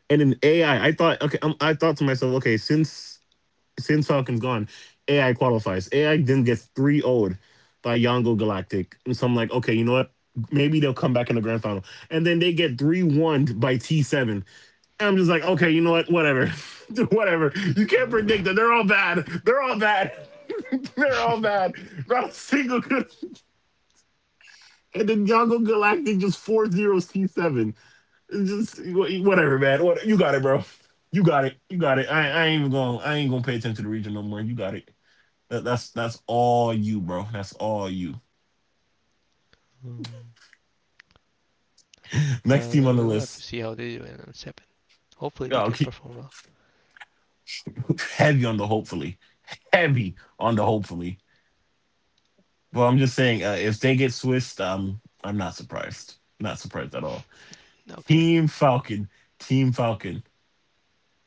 Speaker 1: And in AI, I thought, okay, I thought to myself, okay, since Falcon's gone, AI qualifies. AI then gets 3-0'd by Yango Galactic. And so I'm like, okay, you know what? Maybe they'll come back in the grand final. And then they get 3-1 by T7. And I'm just like, okay, you know what? Whatever. Whatever. You can't
Speaker 2: whatever.
Speaker 1: predict that. They're all bad. They're all bad. They're all bad. Not a single good. And then Yango Galactic just 4 zeros T7. It's just whatever, man. What, you got it, bro. You got it. You got it. I ain't gonna pay attention to the region no more. You got it. That's all you, bro. That's all you.
Speaker 2: Mm. I
Speaker 1: Next team
Speaker 2: don't
Speaker 1: on
Speaker 2: know.
Speaker 1: the
Speaker 2: We'll have
Speaker 1: list.
Speaker 2: to see how they do in on seven. Hopefully they
Speaker 1: Oh,
Speaker 2: can
Speaker 1: keep,
Speaker 2: perform well.
Speaker 1: heavy on the hopefully. Heavy on the hopefully. But I'm just saying, if they get Swiss, I'm not surprised. Not surprised at all.
Speaker 2: Okay.
Speaker 1: Team Falcon. Team Falcon.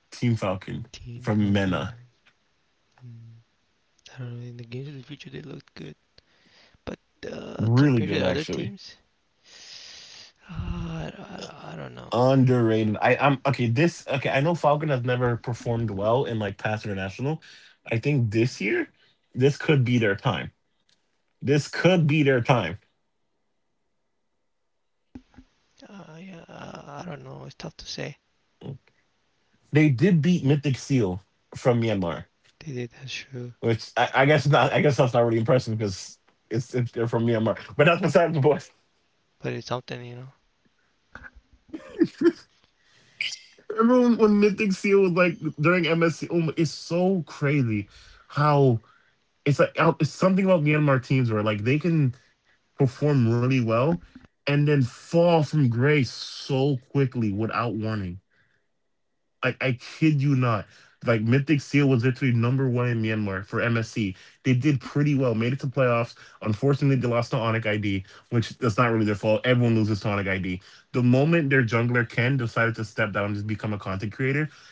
Speaker 1: Team Falcon
Speaker 2: Team
Speaker 1: from
Speaker 2: Falcon.
Speaker 1: Mena.
Speaker 2: I don't know. In the games of the future, they looked good, but
Speaker 1: Really
Speaker 2: compared to
Speaker 1: good,
Speaker 2: the other
Speaker 1: actually.
Speaker 2: teams, I don't know.
Speaker 1: Underrated. I'm okay. This okay. I know Falcon has never performed well in like past international. I think this year, this could be their time. This could be their time.
Speaker 2: Yeah. I don't know. It's tough to say.
Speaker 1: They did beat Mythic Seal from Myanmar,
Speaker 2: They did. That's true.
Speaker 1: which I guess not. I guess that's not really impressive because it's they're from Myanmar. But that's besides the point.
Speaker 2: But it's something.
Speaker 1: Remember when Mythic Seal was like during MSC? Oh, it's so crazy how it's like it's something about Myanmar teams where like they can perform really well and then fall from grace so quickly without warning. I kid you not. Like Mythic Seal was literally number one in Myanmar for MSC. They did pretty well, made it to playoffs. Unfortunately, they lost to Onic ID, which that's not really their fault. Everyone loses to Onic ID. The moment their jungler Ken decided to step down and just become a content creator,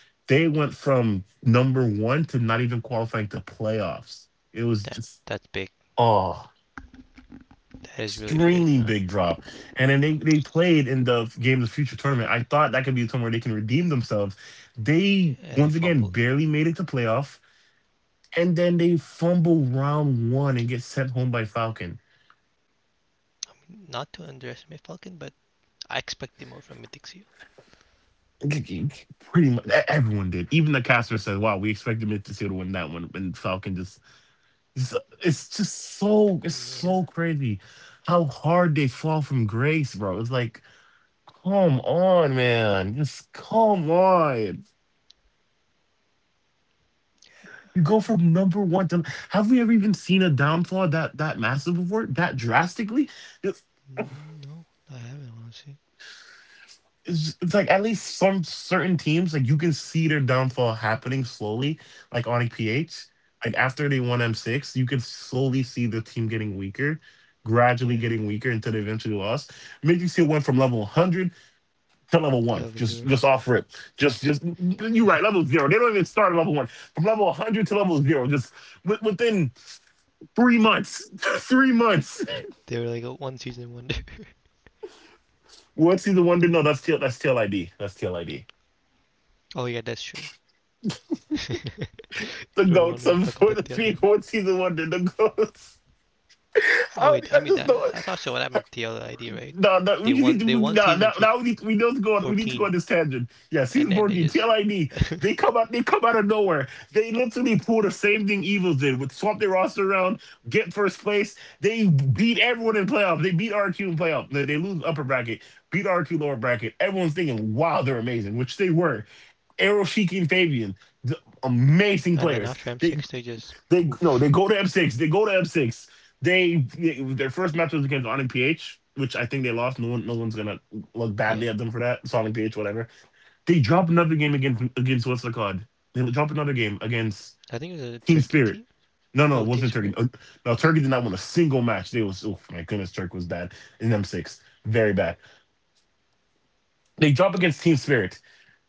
Speaker 1: they went from number one to not even qualifying to playoffs. It was
Speaker 2: That
Speaker 1: just,
Speaker 2: that's big.
Speaker 1: oh,
Speaker 2: That is really
Speaker 1: extremely
Speaker 2: big. You
Speaker 1: big
Speaker 2: know.
Speaker 1: drop. And then they played in the Game of the Future tournament. I thought that could be a tournament where they can redeem themselves. They, once
Speaker 2: And I
Speaker 1: again,
Speaker 2: fumbled.
Speaker 1: barely made it to playoff. And then they fumble round one and get sent home by Falcon.
Speaker 2: I mean, not to underestimate Falcon, but I expected more from Mythic Seal.
Speaker 1: Pretty much everyone did. Even the caster said, wow, we expected Mythicil to win that one. And it's just so, it's so
Speaker 2: Yeah.
Speaker 1: crazy how hard they fall from grace, bro. It's like, come on, man. Just come on. You go from number one to have we ever even seen a downfall that massive before that drastically? It's,
Speaker 2: No, I haven't, honestly.
Speaker 1: it's like at least some certain teams like you can see their downfall happening slowly, like on PH. Like after they won M6, you could slowly see the team getting weaker, gradually
Speaker 2: Yeah,
Speaker 1: getting weaker until they eventually lost. Maybe see it went from level 100 to level
Speaker 2: to
Speaker 1: one,
Speaker 2: level
Speaker 1: just
Speaker 2: zero.
Speaker 1: just off rip, just you're right, level zero. They don't even start at level one. From level 100 to level zero, just within. 3 months. 3 months.
Speaker 2: They were like a one season wonder.
Speaker 1: What season one did? No, that's TLID, that's TLID.
Speaker 2: Oh, yeah, that's true.
Speaker 1: The
Speaker 2: Do we
Speaker 1: goats
Speaker 2: want to
Speaker 1: of
Speaker 2: talk
Speaker 1: for the
Speaker 2: about the other—
Speaker 1: people. What season one did? The goats.
Speaker 2: oh, wait, I
Speaker 1: I
Speaker 2: mean,
Speaker 1: just
Speaker 2: that,
Speaker 1: don't.
Speaker 2: that's also what happened to the ID, right?
Speaker 1: No, no.
Speaker 2: They
Speaker 1: We just need
Speaker 2: won
Speaker 1: to.
Speaker 2: They won
Speaker 1: No,
Speaker 2: season
Speaker 1: now we need. We need to go. We need to go on
Speaker 2: 14,
Speaker 1: this tangent. Yeah,
Speaker 2: and
Speaker 1: season
Speaker 2: then they
Speaker 1: 14.
Speaker 2: just—
Speaker 1: TLID. They come out of nowhere. They literally pull the same thing Evil did with swap their roster around, get first place. They beat everyone in playoff. They beat RQ in playoff. They lose upper bracket. Beat RQ lower bracket. Everyone's thinking, wow, they're amazing, which they were. Errol and Fabian, the amazing
Speaker 2: And then
Speaker 1: players.
Speaker 2: after
Speaker 1: They
Speaker 2: M6, they just—
Speaker 1: they no, they go to M6. They go to M6. Their first match was against Sonic PH, which I think they lost. No one's gonna look badly
Speaker 2: yeah.
Speaker 1: at them for that. Sonic PH, whatever. They drop another game against what's the card? They drop another game against
Speaker 2: I think it was a
Speaker 1: Team
Speaker 2: Turkey
Speaker 1: Spirit.
Speaker 2: team?
Speaker 1: No, no, it
Speaker 2: Oh, Team
Speaker 1: wasn't Turkey.
Speaker 2: Spirit?
Speaker 1: No, Turkey did not win a single match. They was, oh my goodness, Turk was bad in M6. Very bad. They drop
Speaker 2: No.
Speaker 1: against Team Spirit.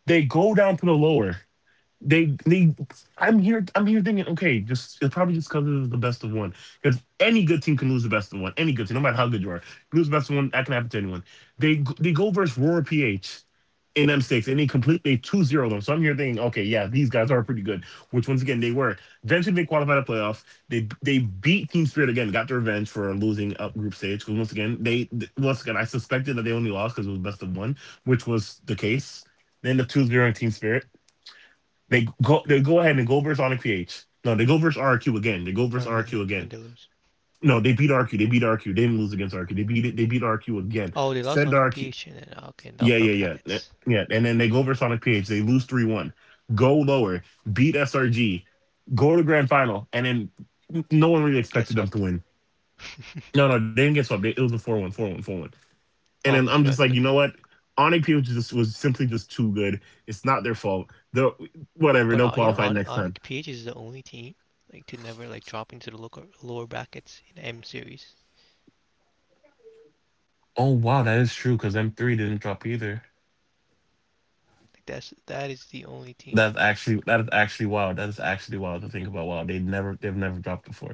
Speaker 1: They go down to the lower. They I'm here thinking, okay, just it's probably just because it was the best of one. Because any good team can lose the best of one. Any good team, no matter how good you are, you lose the best of one, that can happen to anyone. They go versus Roar PH in M6 and they completely 2-0 them. So I'm here thinking, okay, yeah, these guys are pretty good, which once again they were. Eventually they qualified a playoff. They beat Team Spirit again, got their revenge for losing up group stage. Because once again they, once again I suspected that they only lost because it was best of one, which was the case. They end up 2 zeroing Team Spirit. They go ahead and go versus Onyx PH. No, they go versus RQ again. They go versus
Speaker 2: Oregon
Speaker 1: RQ
Speaker 2: and they
Speaker 1: again.
Speaker 2: lose.
Speaker 1: No, they beat RQ. They beat RQ. They didn't lose against RQ. They beat it. They beat RQ again.
Speaker 2: Oh, they lost
Speaker 1: Send
Speaker 2: Sonic
Speaker 1: RQ.
Speaker 2: Peach, and then— okay, in the
Speaker 1: Yeah,
Speaker 2: upper
Speaker 1: yeah, yeah,
Speaker 2: brackets.
Speaker 1: yeah. And then they go versus Sonic PH. They lose 3-1. Go lower. Beat SRG. Go to grand final. And then no one really
Speaker 2: Get
Speaker 1: expected them to
Speaker 2: swept,
Speaker 1: win. No, no, they didn't get swept. It was a 4-1, 4-1, 4-1. And then I'm
Speaker 2: almost
Speaker 1: just like,
Speaker 2: swept.
Speaker 1: you
Speaker 2: But
Speaker 1: know
Speaker 2: yeah,
Speaker 1: what? Onyx PH just was simply just too good. It's not their fault. Whatever. They'll
Speaker 2: but you
Speaker 1: qualify
Speaker 2: know,
Speaker 1: next
Speaker 2: Onyx,
Speaker 1: time.
Speaker 2: Onyx PH is the only team like to never like drop into the lower brackets in M series.
Speaker 1: Oh wow, that is true. Because them three didn't drop either.
Speaker 2: Like that is the only team
Speaker 1: That is actually wild. That is actually wild to think about. Wow, they've never dropped before.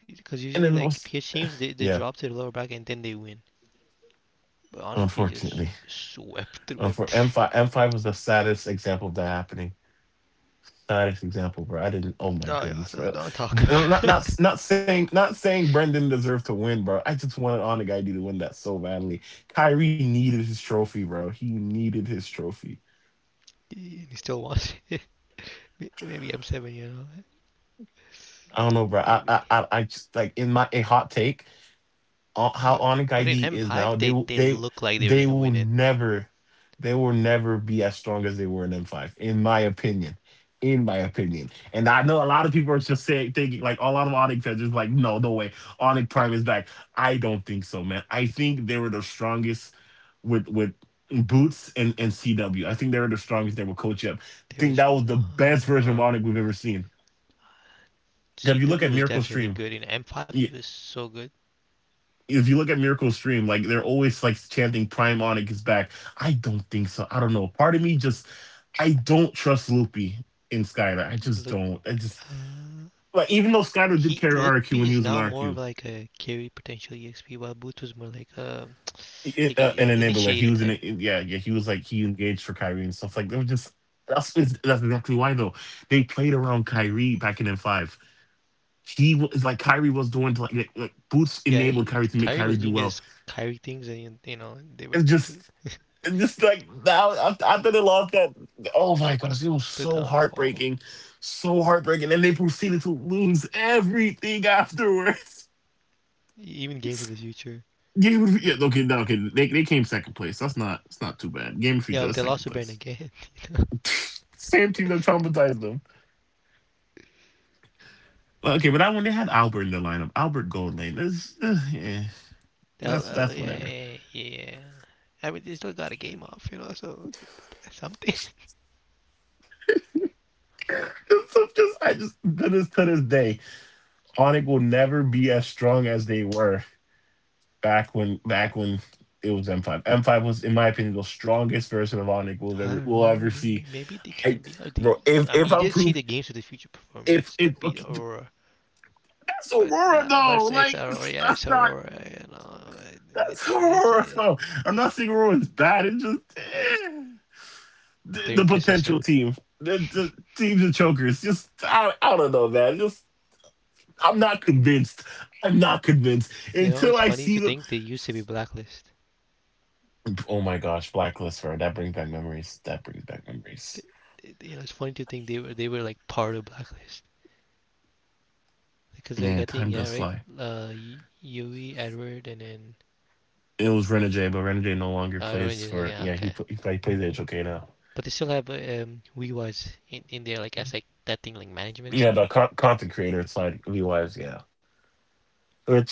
Speaker 2: because
Speaker 1: And then
Speaker 2: usually
Speaker 1: also,
Speaker 2: like PH teams, they
Speaker 1: yeah,
Speaker 2: drop to the lower bracket and then they win. But Onyx PH
Speaker 1: unfortunately,
Speaker 2: just swept through
Speaker 1: for M
Speaker 2: everything.
Speaker 1: five M five was the saddest example of that happening. Saddest example, bro. I didn't. Oh my
Speaker 2: No, yeah,
Speaker 1: goodness, bro.
Speaker 2: don't talk
Speaker 1: Not
Speaker 2: about
Speaker 1: not
Speaker 2: it.
Speaker 1: not saying not saying Brendan deserved to win, bro. I just wanted on the guy to win that so badly. Kyrie needed his trophy, bro. He needed his trophy.
Speaker 2: And he still wants it. Maybe M7,
Speaker 1: I don't know, bro. I I
Speaker 2: maybe.
Speaker 1: I, I just like in my a hot take. How Onyx
Speaker 2: But
Speaker 1: ID
Speaker 2: but in
Speaker 1: is now,
Speaker 2: M5 they they look like
Speaker 1: they
Speaker 2: they were
Speaker 1: will
Speaker 2: gonna win it.
Speaker 1: never they will never be as strong as they were in M5, in my opinion. In my opinion. And I know a lot of people are just saying thinking, like a lot of Onyx fans is like, no, no way. Onyx Prime is back. I don't think so, man. I think they were the strongest with Boots and CW. I think they were the strongest there with Coach Up. I think that was the best version of Onyx
Speaker 2: No.
Speaker 1: we've ever seen. If you look at
Speaker 2: CW was
Speaker 1: Miracle Stream,
Speaker 2: definitely good. In M5, he was so good.
Speaker 1: If you look at Miracle Stream, like they're always like chanting Prime Onyx is back. I don't think so. I don't know. Part of me just I don't trust Loopy in Skylar. I just
Speaker 2: Lut,
Speaker 1: don't. I just
Speaker 2: uh,
Speaker 1: Like, even though Skylar did carry RQ
Speaker 2: Lutpi
Speaker 1: when he
Speaker 2: is
Speaker 1: was in
Speaker 2: now more of
Speaker 1: RQ,
Speaker 2: like a carry potential EXP, while Booth was more like a
Speaker 1: it,
Speaker 2: like
Speaker 1: an
Speaker 2: an
Speaker 1: enabler. He
Speaker 2: initiator
Speaker 1: was in
Speaker 2: type.
Speaker 1: it. Yeah, yeah. He was like he engaged for Kyrie and stuff like that. Just that's that's exactly why though. They played around Kyrie back in M5. He was like Kyrie was doing to, like, Boots
Speaker 2: Yeah,
Speaker 1: enabled Kyrie to make
Speaker 2: Kyrie was
Speaker 1: Kyrie do
Speaker 2: doing
Speaker 1: well.
Speaker 2: his Kyrie things, and you know they were
Speaker 1: It's
Speaker 2: able
Speaker 1: just.
Speaker 2: to
Speaker 1: And just like now, after they lost that, oh my gosh, it was
Speaker 2: the
Speaker 1: so
Speaker 2: downfall.
Speaker 1: heartbreaking, so heartbreaking. And they proceeded to lose everything afterwards.
Speaker 2: Even games of the future,
Speaker 1: Game of yeah, okay,
Speaker 2: Brentwood.
Speaker 1: no, okay, they came second place. That's not too bad. Game of
Speaker 2: Yeah,
Speaker 1: Future,
Speaker 2: but
Speaker 1: that's
Speaker 2: they lost
Speaker 1: second
Speaker 2: to Brent
Speaker 1: place.
Speaker 2: again.
Speaker 1: Same team that traumatized them. But okay, but that one they had Albert in the lineup. Albert Goldlane. That's Yeah, that's that's
Speaker 2: Yeah,
Speaker 1: whatever.
Speaker 2: yeah, yeah. I mean, they still got a game off, so something.
Speaker 1: It's so just I just To this day, Onyx will never be as strong as they were, back when it was M5. M5 was, in my opinion, the strongest version of Onyx we'll
Speaker 2: I
Speaker 1: ever
Speaker 2: don't
Speaker 1: we'll
Speaker 2: know.
Speaker 1: ever
Speaker 2: Maybe,
Speaker 1: see.
Speaker 2: maybe they
Speaker 1: I,
Speaker 2: can be.
Speaker 1: bro, if
Speaker 2: I mean,
Speaker 1: if
Speaker 2: you
Speaker 1: I'm
Speaker 2: did see
Speaker 1: proof,
Speaker 2: the games of the future
Speaker 1: if
Speaker 2: performance. They
Speaker 1: if
Speaker 2: beat
Speaker 1: okay,
Speaker 2: Aurora,
Speaker 1: that's
Speaker 2: but
Speaker 1: Aurora
Speaker 2: not. But
Speaker 1: though, like
Speaker 2: Aurora. Yeah, it's
Speaker 1: that's not,
Speaker 2: Aurora. You know,
Speaker 1: that's
Speaker 2: it's
Speaker 1: Aurora though. I'm not saying Aurora bad. It's just, the,
Speaker 2: they're
Speaker 1: the
Speaker 2: inconsistent.
Speaker 1: potential team, the teams of chokers. Just I don't know, man. Just I'm not convinced. I'm not convinced
Speaker 2: You know,
Speaker 1: until
Speaker 2: it's
Speaker 1: I
Speaker 2: funny to
Speaker 1: see them.
Speaker 2: think they used to be Blacklist.
Speaker 1: Oh my gosh, Blacklist, bro. That brings back memories. That brings back memories.
Speaker 2: Th- You know, it's funny to think they were like part of Blacklist because like I
Speaker 1: Man, time
Speaker 2: think yeah,
Speaker 1: does
Speaker 2: right.
Speaker 1: fly.
Speaker 2: Uh, Yui, Edward, and then
Speaker 1: It was Renegade, but Renegade no longer
Speaker 2: Orange
Speaker 1: plays
Speaker 2: is like
Speaker 1: for.
Speaker 2: yeah,
Speaker 1: Yeah, he
Speaker 2: okay,
Speaker 1: pl- he play- plays HOK now.
Speaker 2: but they still have WeWise in there like as like that thing like management and
Speaker 1: Yeah,
Speaker 2: stuff like that.
Speaker 1: content creator, it's like V Wives. Yeah,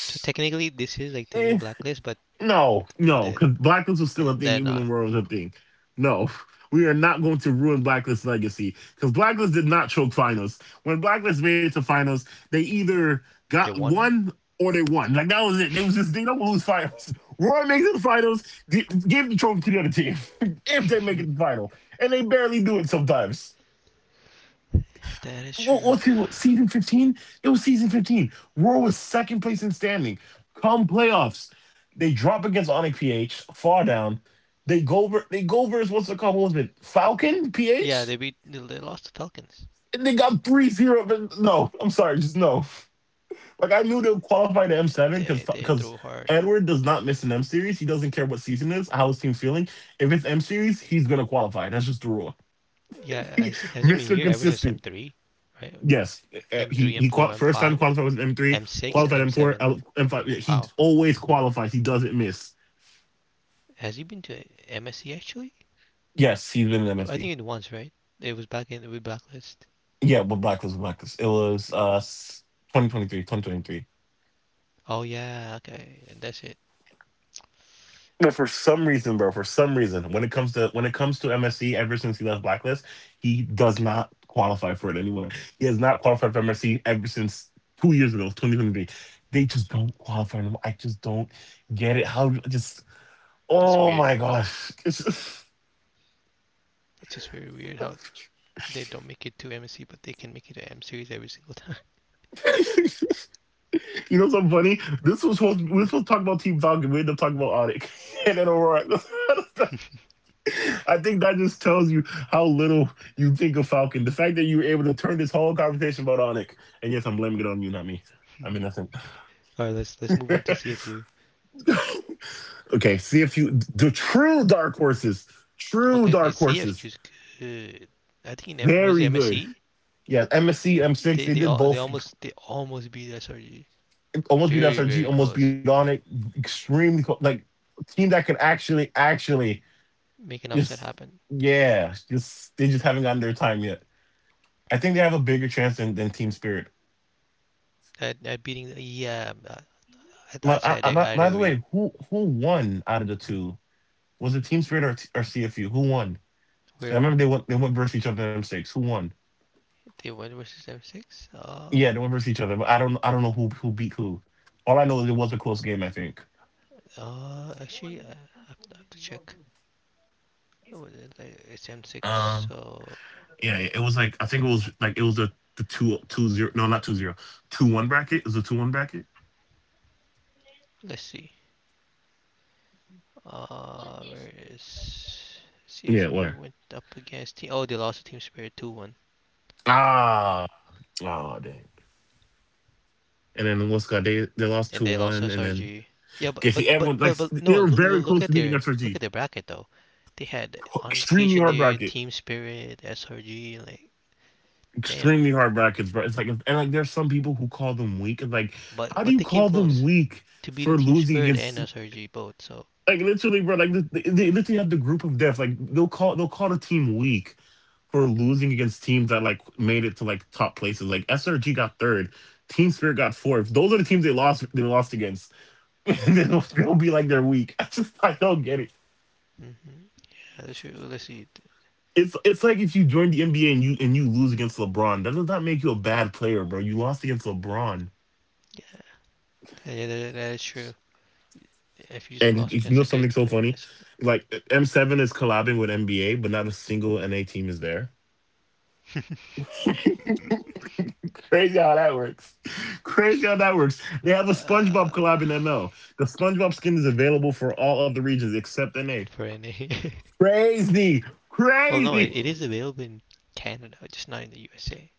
Speaker 2: So technically, this is like the new blacklist, but
Speaker 1: No,
Speaker 2: they,
Speaker 1: no,
Speaker 2: they,
Speaker 1: because Blacklist was still a thing
Speaker 2: they're
Speaker 1: even when
Speaker 2: not.
Speaker 1: Royal was a thing. No, we are not going to ruin Blacklist's legacy because Blacklist did not choke finals. When Blacklist made it to finals, they
Speaker 2: They,
Speaker 1: either got
Speaker 2: they won it.
Speaker 1: one or they won. Like that was it. It was just they don't lose finals. Royal makes it to finals, give the trophy to the other team, if they make it to the final, and they barely do it sometimes.
Speaker 2: That is
Speaker 1: Well,
Speaker 2: true.
Speaker 1: let's see, look, season 15? It was season 15. Roar was second place in standing. Come playoffs, they drop against Onyx PH, far down. They go over. They go versus what's it called? What was it? Falcon
Speaker 2: Yeah, they
Speaker 1: PH?
Speaker 2: beat. They lost the Falcons.
Speaker 1: And they got 3-0. But no, I'm sorry, just no. Like, I knew they'll qualify to M7 because
Speaker 2: They threw hard.
Speaker 1: Edward does not miss an M series. He doesn't care what season it is, how his team feeling. If it's M series, he's going to qualify. That's just the rule.
Speaker 2: Yeah, has has he been
Speaker 1: Mr.
Speaker 2: here ever since M
Speaker 1: Consistent.
Speaker 2: three, right?
Speaker 1: Yes.
Speaker 2: M three, M four, M
Speaker 1: First time
Speaker 2: five,
Speaker 1: qualified was an M3,
Speaker 2: M6, and
Speaker 1: qualified
Speaker 2: M
Speaker 1: M4,
Speaker 2: seven.
Speaker 1: M5. He
Speaker 2: Wow.
Speaker 1: always qualifies. He doesn't miss.
Speaker 2: Has he been to MSC actually?
Speaker 1: Yes, he's been in
Speaker 2: I
Speaker 1: MFD.
Speaker 2: think it once, right? It was back in with blacklist.
Speaker 1: Yeah, but blacklist, Blacklist. It was 2023.
Speaker 2: Oh yeah, okay. And that's it.
Speaker 1: But for some reason, bro, for some reason, when it comes to, MSC, ever since he left blacklist, he does not qualify for it anymore. He has not qualified for MSC ever since 2 years ago, 2023. They just don't qualify anymore. I just don't get it. How just,
Speaker 2: It's
Speaker 1: oh
Speaker 2: weird.
Speaker 1: my gosh, it's just.
Speaker 2: It's just very weird how they don't make it to MSC, but they can make it to M series every single time.
Speaker 1: You know something funny? This was supposed We were supposed to talk about Team Falcon. We ended up talking about Onyx and then Aurora. I think that just tells you how little you think of Falcon. The fact that you were able to turn this whole conversation about Onyx, and yes, I'm blaming it on you, not me. I'm innocent.
Speaker 2: All right, let's move on to CFU.
Speaker 1: okay, see if you the true
Speaker 2: Okay, the
Speaker 1: dark horses,
Speaker 2: is good. I think in was it
Speaker 1: very good.
Speaker 2: MSC?
Speaker 1: Yeah, MSC M6,
Speaker 2: They
Speaker 1: they
Speaker 2: they
Speaker 1: did
Speaker 2: all they
Speaker 1: both.
Speaker 2: almost they almost beat SRG.
Speaker 1: Almost beat
Speaker 2: Very
Speaker 1: SRG,
Speaker 2: very
Speaker 1: almost beat
Speaker 2: close.
Speaker 1: Onyx. Extremely close. Like team that can actually, actually.
Speaker 2: Make an upset
Speaker 1: Just
Speaker 2: happen.
Speaker 1: yeah, just they just haven't gotten their time yet. I think they have a bigger chance than, Team Spirit.
Speaker 2: At beating, yeah,
Speaker 1: My,
Speaker 2: I'd say I'd,
Speaker 1: I-
Speaker 2: I'd
Speaker 1: by the
Speaker 2: agree.
Speaker 1: way, who won out of the two? Was it Team Spirit or CFU? Who won? I
Speaker 2: Where
Speaker 1: remember they went versus each other in six. Who won?
Speaker 2: they went versus M6?
Speaker 1: Yeah, they went versus each other, but I don't know who beat who. All I know is it was a close game. I think.
Speaker 2: Actually, I have to check. Was it? Like, it's M6.
Speaker 1: Um.
Speaker 2: So
Speaker 1: Yeah, it was like, I think it was the two, two zero, no, not two zero, two one bracket. Is a 2-1 bracket.
Speaker 2: let's see. Where is? See
Speaker 1: Yeah,
Speaker 2: if you
Speaker 1: where?
Speaker 2: went up against team. Oh, they lost to Team Spirit 2-1.
Speaker 1: Ah. Oh dang. And then what's got they lost
Speaker 2: And
Speaker 1: two
Speaker 2: they lost
Speaker 1: one, and then
Speaker 2: SRG. Yeah, but
Speaker 1: okay,
Speaker 2: but
Speaker 1: see
Speaker 2: but
Speaker 1: everyone like
Speaker 2: but, but
Speaker 1: they
Speaker 2: no,
Speaker 1: were
Speaker 2: look,
Speaker 1: very
Speaker 2: look
Speaker 1: close
Speaker 2: at
Speaker 1: to beating
Speaker 2: their look
Speaker 1: SRG.
Speaker 2: at their bracket though. They had Onyx Peach
Speaker 1: Extremely
Speaker 2: in
Speaker 1: hard
Speaker 2: there,
Speaker 1: bracket,
Speaker 2: Team Spirit, SRG, like damn.
Speaker 1: extremely hard brackets, bro. It's like and like there's some people who call them weak. It's like
Speaker 2: But
Speaker 1: how do
Speaker 2: but
Speaker 1: you
Speaker 2: they came
Speaker 1: call them
Speaker 2: close
Speaker 1: weak
Speaker 2: to beating
Speaker 1: for
Speaker 2: Team
Speaker 1: losing
Speaker 2: Spirit and
Speaker 1: against,
Speaker 2: SRG both. So,
Speaker 1: like, literally, bro? Like they literally have the group of death. Like they'll call the team weak for losing against teams that like made it to like top places. Like SRG got third, Team Spirit got fourth. Those are the teams they lost against. They'll be like they're weak. I don't get it.
Speaker 2: hmm yeah, that's true. Let's see.
Speaker 1: It's like if you join the NBA and you lose against LeBron, that does not make you a bad player, bro. You lost against LeBron,
Speaker 2: Yeah, that is true. If you just
Speaker 1: and
Speaker 2: lost
Speaker 1: you
Speaker 2: against
Speaker 1: know
Speaker 2: a
Speaker 1: something
Speaker 2: good
Speaker 1: so
Speaker 2: player,
Speaker 1: funny,
Speaker 2: that's—
Speaker 1: like M7 is collabing with NBA, but not a single NA team is there. Crazy how that works. Crazy how that works. They have a SpongeBob
Speaker 2: uh,
Speaker 1: collab in ML. The SpongeBob skin is available for all of the regions except NA.
Speaker 2: for NA.
Speaker 1: Crazy,
Speaker 2: Well, no,
Speaker 1: crazy.
Speaker 2: it is available in Canada, just not in the USA.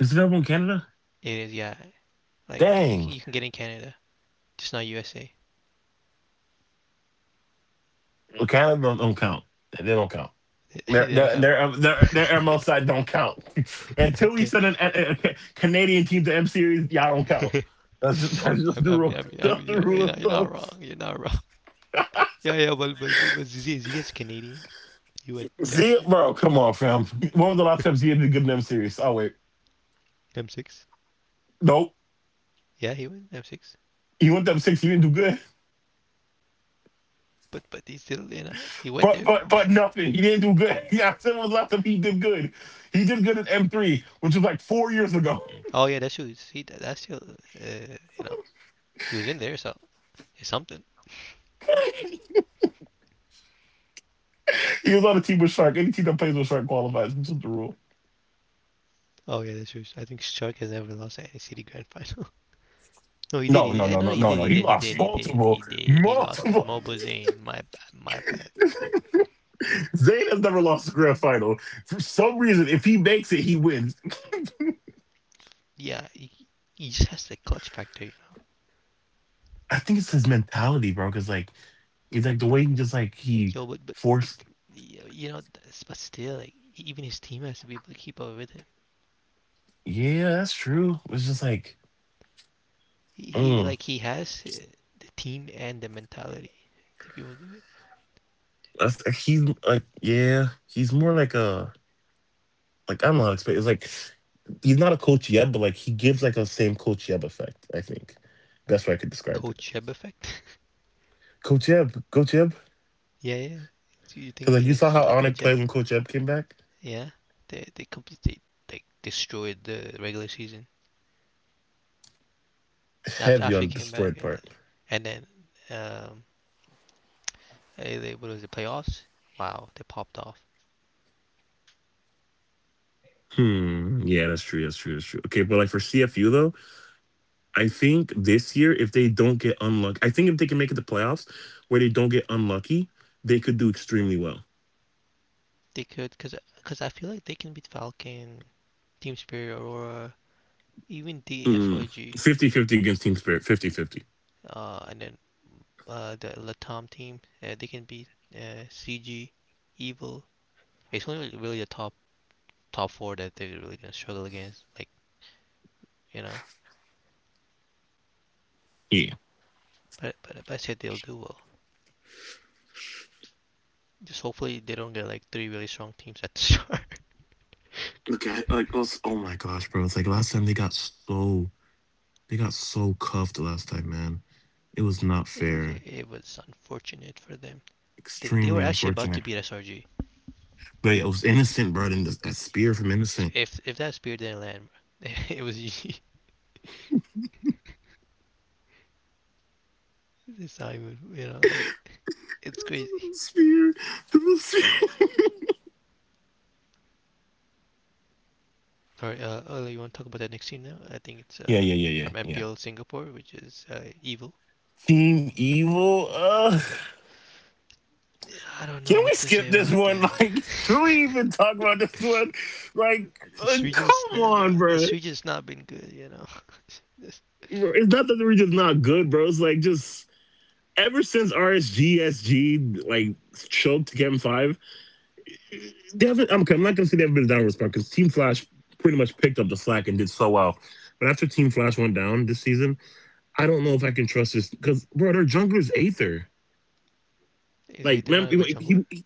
Speaker 1: Is it available in Canada?
Speaker 2: It is, yeah. Like you
Speaker 1: Dang.
Speaker 2: can you can get in Canada, just not USA.
Speaker 1: Well, Canada don't count. They don't count. Their
Speaker 2: They don't
Speaker 1: their
Speaker 2: come.
Speaker 1: their um, their, their ML side don't count until we
Speaker 2: Okay.
Speaker 1: send a Canadian team to M series. Y'all don't count. That's just
Speaker 2: I'm,
Speaker 1: the rule.
Speaker 2: I mean, I'm
Speaker 1: That's the
Speaker 2: yeah,
Speaker 1: rule of
Speaker 2: you're
Speaker 1: thumb.
Speaker 2: not wrong. You're not wrong. Yeah, yeah, but Zia, is Canadian. He went to
Speaker 1: Zia,
Speaker 2: m
Speaker 1: bro, come on, fam. When was the last time Zia did good in M series? Oh wait,
Speaker 2: M6.
Speaker 1: nope.
Speaker 2: Yeah, he went M6.
Speaker 1: He went up six. He didn't do good.
Speaker 2: But he still, he went
Speaker 1: But
Speaker 2: there.
Speaker 1: but but nothing. He didn't do good. Yeah, I said when was last time he did good. He did good in M3, which was like 4 years ago.
Speaker 2: Oh yeah, that's true. He That's still, he was in there, so it's something.
Speaker 1: He was on a team with Shark. Any team that plays with Shark qualifies. That's just the rule.
Speaker 2: Oh yeah, that's true. I think Shark has never lost at any city grand final. No, he did.
Speaker 1: No,
Speaker 2: He
Speaker 1: no,
Speaker 2: did.
Speaker 1: no,
Speaker 2: No,
Speaker 1: no,
Speaker 2: he
Speaker 1: no,
Speaker 2: did.
Speaker 1: no.
Speaker 2: He
Speaker 1: He
Speaker 2: did. He
Speaker 1: lost
Speaker 2: did. He did.
Speaker 1: multiple,
Speaker 2: He did. He lost to
Speaker 1: multiple.
Speaker 2: Mobazane. My bad. My bad.
Speaker 1: Zayn has never lost a grand final. For some reason, if he makes it, he wins.
Speaker 2: Yeah, he just has the clutch factor.
Speaker 1: I think it's his mentality, bro. Because like, it's like the way he just like he
Speaker 2: Yo,
Speaker 1: forced.
Speaker 2: you know, but still, like even his team has to be able to keep up with him.
Speaker 1: Yeah, that's true. It's just like,
Speaker 2: He, he
Speaker 1: mm,
Speaker 2: like he has the team and the mentality to be able to do it.
Speaker 1: that's he's like, yeah, he's more like a like I don't know how to explain. It's like he's not a coach yet, but like he gives like a same coach Yeb effect. I think that's why I could describe it.
Speaker 2: Coach Jeb effect.
Speaker 1: Coach Yeb, Coach Yeb,
Speaker 2: Yeah, yeah. So you
Speaker 1: because
Speaker 2: think
Speaker 1: like you
Speaker 2: he
Speaker 1: saw how
Speaker 2: likes like
Speaker 1: Onik
Speaker 2: Coach
Speaker 1: played
Speaker 2: Jeb?
Speaker 1: when Coach Yeb came back,
Speaker 2: Yeah. They completely like destroyed the regular season after
Speaker 1: heavy on
Speaker 2: after
Speaker 1: the
Speaker 2: he came
Speaker 1: destroyed
Speaker 2: back,
Speaker 1: part.
Speaker 2: and then um, what was the playoffs? Wow, they popped off.
Speaker 1: Hmm. Yeah, that's true. That's true. That's true. Okay, but like for CFU though, I think this year if they don't get unlucky, I think if they can make it to playoffs where they don't get unlucky, they could do extremely well.
Speaker 2: They could, cause I feel like they can beat Falcon, Team Spirit, Aurora, even
Speaker 1: Mm.
Speaker 2: DFYG.
Speaker 1: 50-50 against Team Spirit. 50-50.
Speaker 2: And then the Latam team. They can beat CG, Evil. It's only really really the top four that they're really gonna struggle against. Like you know,
Speaker 1: Yeah.
Speaker 2: but I said they'll do well. Just hopefully they don't get like three really strong teams at the start.
Speaker 1: Look at like us. Oh my gosh, bro! It's like last time they got so cuffed last time, man. It was not
Speaker 2: it was
Speaker 1: fair.
Speaker 2: it was unfortunate for them. They
Speaker 1: Extremely
Speaker 2: were actually about
Speaker 1: unfortunate.
Speaker 2: to beat SRG.
Speaker 1: But it was innocent, bro. And that spear from
Speaker 2: If
Speaker 1: innocent.
Speaker 2: if if that spear didn't land, it was easy. It's not even, like it's crazy.
Speaker 1: Spear.
Speaker 2: Alright, Ola, you want to talk about that next team now? I think it's
Speaker 1: Yeah, yeah, yeah,
Speaker 2: from
Speaker 1: yeah, yeah.
Speaker 2: MPL Singapore, which is Evil.
Speaker 1: Team Evil. Uh,
Speaker 2: I don't
Speaker 1: can
Speaker 2: know
Speaker 1: we
Speaker 2: what to
Speaker 1: skip
Speaker 2: say
Speaker 1: this
Speaker 2: about
Speaker 1: one?
Speaker 2: them.
Speaker 1: Like, should we even talk about this one? Like,
Speaker 2: This region's
Speaker 1: come
Speaker 2: n-
Speaker 1: on,
Speaker 2: n-
Speaker 1: bro.
Speaker 2: this region's not been good, you know. This—
Speaker 1: It's not that we're just not good, bro. It's like just ever since RSGSG like choked Game 5, they haven't. Okay, I'm not gonna say they haven't been a downward spark because Team Flash pretty much picked up the slack and did so well. But after Team Flash went down this season, I don't know if I can trust this because, bro, their jungler's Aether.
Speaker 2: is
Speaker 1: Like,
Speaker 2: Aether
Speaker 1: man,
Speaker 2: not a good jungler?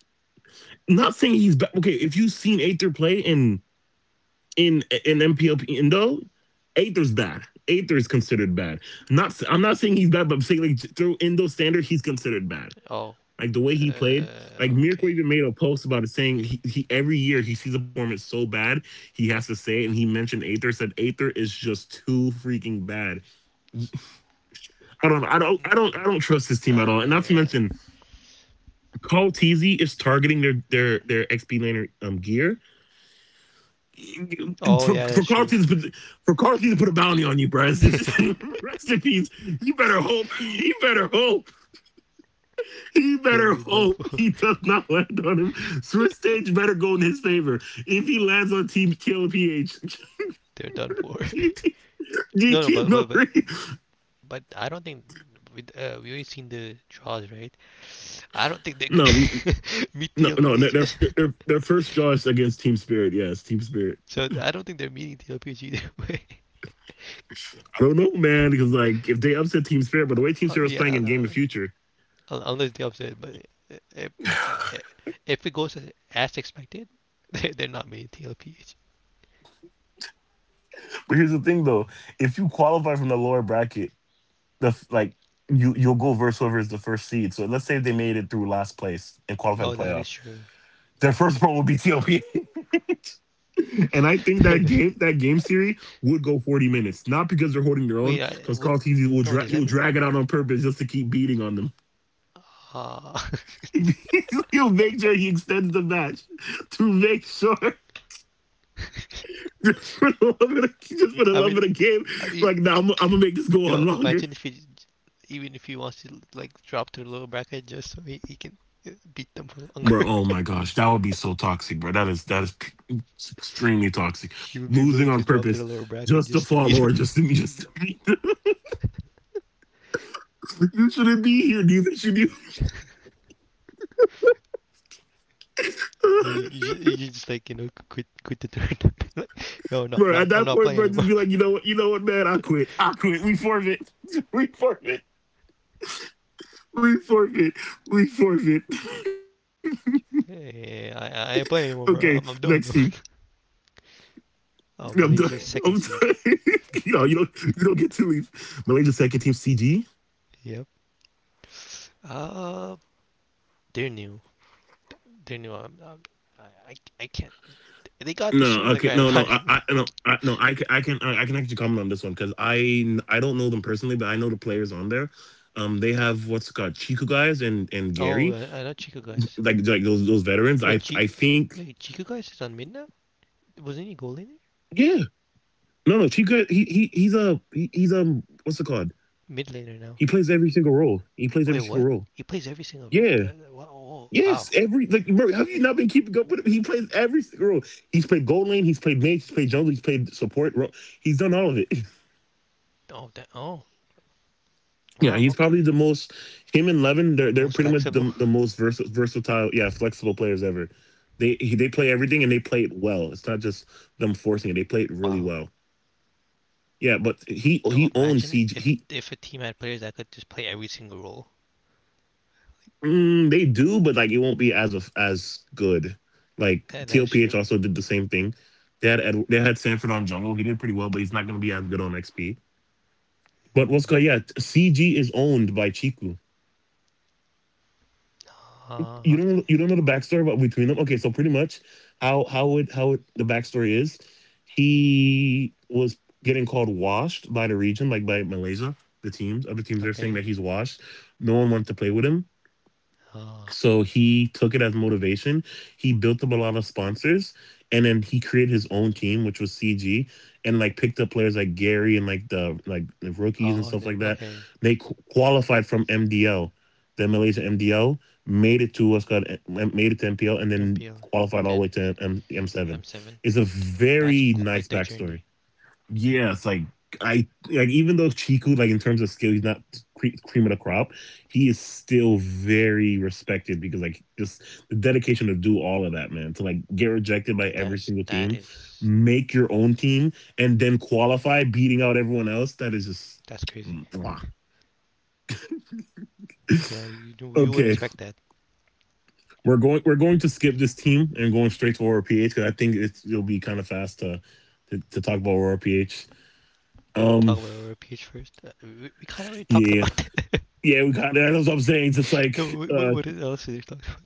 Speaker 1: not saying he's okay. If you've seen Aether play in MPLP Indo, Aether's bad. Aether is considered bad. I'm not saying he's bad, but I'm saying like through Indo standard, he's considered bad.
Speaker 2: Oh.
Speaker 1: Like the way he played, like Mirko even
Speaker 2: Okay.
Speaker 1: made a post about it saying he every year he sees a performance so bad he has to say it, and he mentioned Aether said Aether is just too freaking bad. I
Speaker 2: Mm.
Speaker 1: don't trust this team at all. And not to mention Call Teasy is targeting their XP laner gear
Speaker 2: Oh
Speaker 1: for,
Speaker 2: yeah,
Speaker 1: for
Speaker 2: that's true.
Speaker 1: Carlton to put for Carlton to put a bounty on you, bro. It's rest in peace. You better hope. You better hope. You better
Speaker 2: They're done
Speaker 1: hope
Speaker 2: for.
Speaker 1: he does not land on him. Swiss stage better go in his favor if he lands on Team TLPH.
Speaker 2: They're done for. No, no, but
Speaker 1: No,
Speaker 2: but but but I don't think we already seen the draws, right? I don't think they're
Speaker 1: no,
Speaker 2: gonna
Speaker 1: we
Speaker 2: meet
Speaker 1: no no.
Speaker 2: TLPH.
Speaker 1: Their first draw is against Team Spirit. Yes, Team Spirit.
Speaker 2: So I don't think they're meeting TLPH either way.
Speaker 1: I don't know, man, because like if they upset Team Spirit, but the way Team
Speaker 2: Oh
Speaker 1: Spirit was
Speaker 2: yeah,
Speaker 1: playing in Game of Future.
Speaker 2: unless the opposite. But if uh, if it goes expected, they're not meeting TLPH.
Speaker 1: But here's the thing, though: if you qualify from the lower bracket, like you'll go versus whoever is the first seed. So let's say they made it through last place and
Speaker 2: Oh,
Speaker 1: qualified to
Speaker 2: that is
Speaker 1: playoff.
Speaker 2: true.
Speaker 1: Their first one will be TLPH. And I think that game series would go 40 minutes. Not because they're holding their
Speaker 2: Wait,
Speaker 1: own,
Speaker 2: I
Speaker 1: because
Speaker 2: would—
Speaker 1: Carl Teasy will
Speaker 2: no.
Speaker 1: dra-
Speaker 2: Does that
Speaker 1: he'll
Speaker 2: mean?
Speaker 1: drag it out on purpose just to keep beating on them.
Speaker 2: Uh,
Speaker 1: He'll make sure he extends the match to make sure. Just for the
Speaker 2: I
Speaker 1: love of
Speaker 2: mean,
Speaker 1: the game.
Speaker 2: I mean,
Speaker 1: Like, nah, I'm gonna make this go on
Speaker 2: yo,
Speaker 1: longer.
Speaker 2: imagine if he even if he wants to like drop to the lower bracket just so he can beat them for
Speaker 1: Bro,
Speaker 2: longer.
Speaker 1: oh my gosh, that would be so toxic, bro. That is extremely toxic.
Speaker 2: He would be
Speaker 1: Losing
Speaker 2: willing
Speaker 1: on
Speaker 2: to drop to
Speaker 1: purpose
Speaker 2: the lower bracket
Speaker 1: just to
Speaker 2: just to
Speaker 1: fall
Speaker 2: beat
Speaker 1: or
Speaker 2: them.
Speaker 1: just to be. You shouldn't be here. Neither should you.
Speaker 2: You should just like you know quit the turn. Like, yo, no,
Speaker 1: Bro,
Speaker 2: no,
Speaker 1: at
Speaker 2: I'm
Speaker 1: that
Speaker 2: not
Speaker 1: point,
Speaker 2: playing
Speaker 1: bro,
Speaker 2: anymore.
Speaker 1: just be like, you know what, man, I quit. I quit. We forfeit. We forfeit. We forfeit. We forfeit.
Speaker 2: Hey, I ain't playing
Speaker 1: Okay,
Speaker 2: anymore, bro.
Speaker 1: next
Speaker 2: I'm
Speaker 1: team.
Speaker 2: done.
Speaker 1: I'm done. I'm done.
Speaker 2: Oh, Malaysia
Speaker 1: you know, you
Speaker 2: second
Speaker 1: don't
Speaker 2: seed.
Speaker 1: you don't get to leave. Malaysia's second team, CG.
Speaker 2: Yep. Uh, they're new. They're new. I, I, I can't. They got
Speaker 1: No,
Speaker 2: destroyed in the
Speaker 1: okay,
Speaker 2: grand
Speaker 1: no, no,
Speaker 2: final.
Speaker 1: I can actually comment on this one because I don't know them personally, but I know the players on there. They have what's it called Chiku guys and
Speaker 2: Oh.
Speaker 1: Gary,
Speaker 2: Not Chico guys.
Speaker 1: like those veterans.
Speaker 2: Wait,
Speaker 1: I think.
Speaker 2: Chico guys is on mid now. Wasn't he goal
Speaker 1: Yeah,
Speaker 2: laner?
Speaker 1: no, no, Chiku, he's, what's it called?
Speaker 2: Mid
Speaker 1: He plays
Speaker 2: laner
Speaker 1: every
Speaker 2: now.
Speaker 1: single role. He plays every single
Speaker 2: Wait,
Speaker 1: role.
Speaker 2: what? He plays every
Speaker 1: Yeah.
Speaker 2: single role.
Speaker 1: Yes,
Speaker 2: Wow.
Speaker 1: every like bro, have you not been keeping up with him? He plays every single role. He's played gold lane, he's played mage, he's played jungle, he's played support. He's done all of it.
Speaker 2: Oh,
Speaker 1: Yeah, he's
Speaker 2: wow.
Speaker 1: probably the
Speaker 2: Okay.
Speaker 1: most. Him and Levin, they're
Speaker 2: Most
Speaker 1: pretty much
Speaker 2: flexible.
Speaker 1: the most versatile, yeah, flexible players ever. They play everything and they play it well. It's not just them forcing it; they play it really
Speaker 2: Wow.
Speaker 1: well. Yeah, but
Speaker 2: Yo,
Speaker 1: he owns
Speaker 2: imagine
Speaker 1: CG. He
Speaker 2: if a team had players that could just play every single role.
Speaker 1: mm, they do, but like it won't be as good. Like
Speaker 2: That is
Speaker 1: TLPH
Speaker 2: true.
Speaker 1: also did the same thing. They had Ed, they had Sanford on jungle. He did pretty well, but he's not going to be as good on XP. But what's good?
Speaker 2: Mm.
Speaker 1: Yeah, CG is owned by Chiku.
Speaker 2: Ah, okay,
Speaker 1: You don't know
Speaker 2: okay,
Speaker 1: the backstory about between them. Okay, so pretty much the backstory is, he was getting called washed by the region, like by Malaysia, the teams, other teams. They're saying
Speaker 2: okay.
Speaker 1: that he's washed. No one wanted to play with him,
Speaker 2: Oh,
Speaker 1: so he took it as motivation. He built up a lot of sponsors, and then he created his own team, which was CG, and like picked up players like Gary and like the rookies
Speaker 2: oh,
Speaker 1: and
Speaker 2: and
Speaker 1: stuff
Speaker 2: then
Speaker 1: like that.
Speaker 2: okay,
Speaker 1: They qualified from MDL, the Malaysia MDL, made it to MPL, and then
Speaker 2: MPL, and
Speaker 1: qualified all the
Speaker 2: then
Speaker 1: way to M7.
Speaker 2: M7.
Speaker 1: It's a
Speaker 2: Th- That's
Speaker 1: very
Speaker 2: quite
Speaker 1: nice
Speaker 2: the
Speaker 1: backstory.
Speaker 2: journey.
Speaker 1: Yes, like I like even though Chiku, like in terms of skill, he's not cream of the crop. He is still very respected because like just the dedication to do all of that, man, to like get rejected by
Speaker 2: Th-
Speaker 1: every
Speaker 2: That's
Speaker 1: single
Speaker 2: that
Speaker 1: team,
Speaker 2: is
Speaker 1: make your own team, and then qualify, beating out everyone else. That is just.
Speaker 2: that's crazy.
Speaker 1: Mwah.
Speaker 2: You know, you you
Speaker 1: Okay,
Speaker 2: wouldn't expect that.
Speaker 1: we're going. We're going to skip this team and going straight to Aurora PH because I think it'll be kind of fast to, talk about Aurora PH.
Speaker 2: You want to
Speaker 1: Um,
Speaker 2: talk about our pH first? We kind of already talked
Speaker 1: yeah,
Speaker 2: about that.
Speaker 1: Yeah, we got that. That's what I'm saying. It's just
Speaker 2: Yo,
Speaker 1: like
Speaker 2: what else did they talk?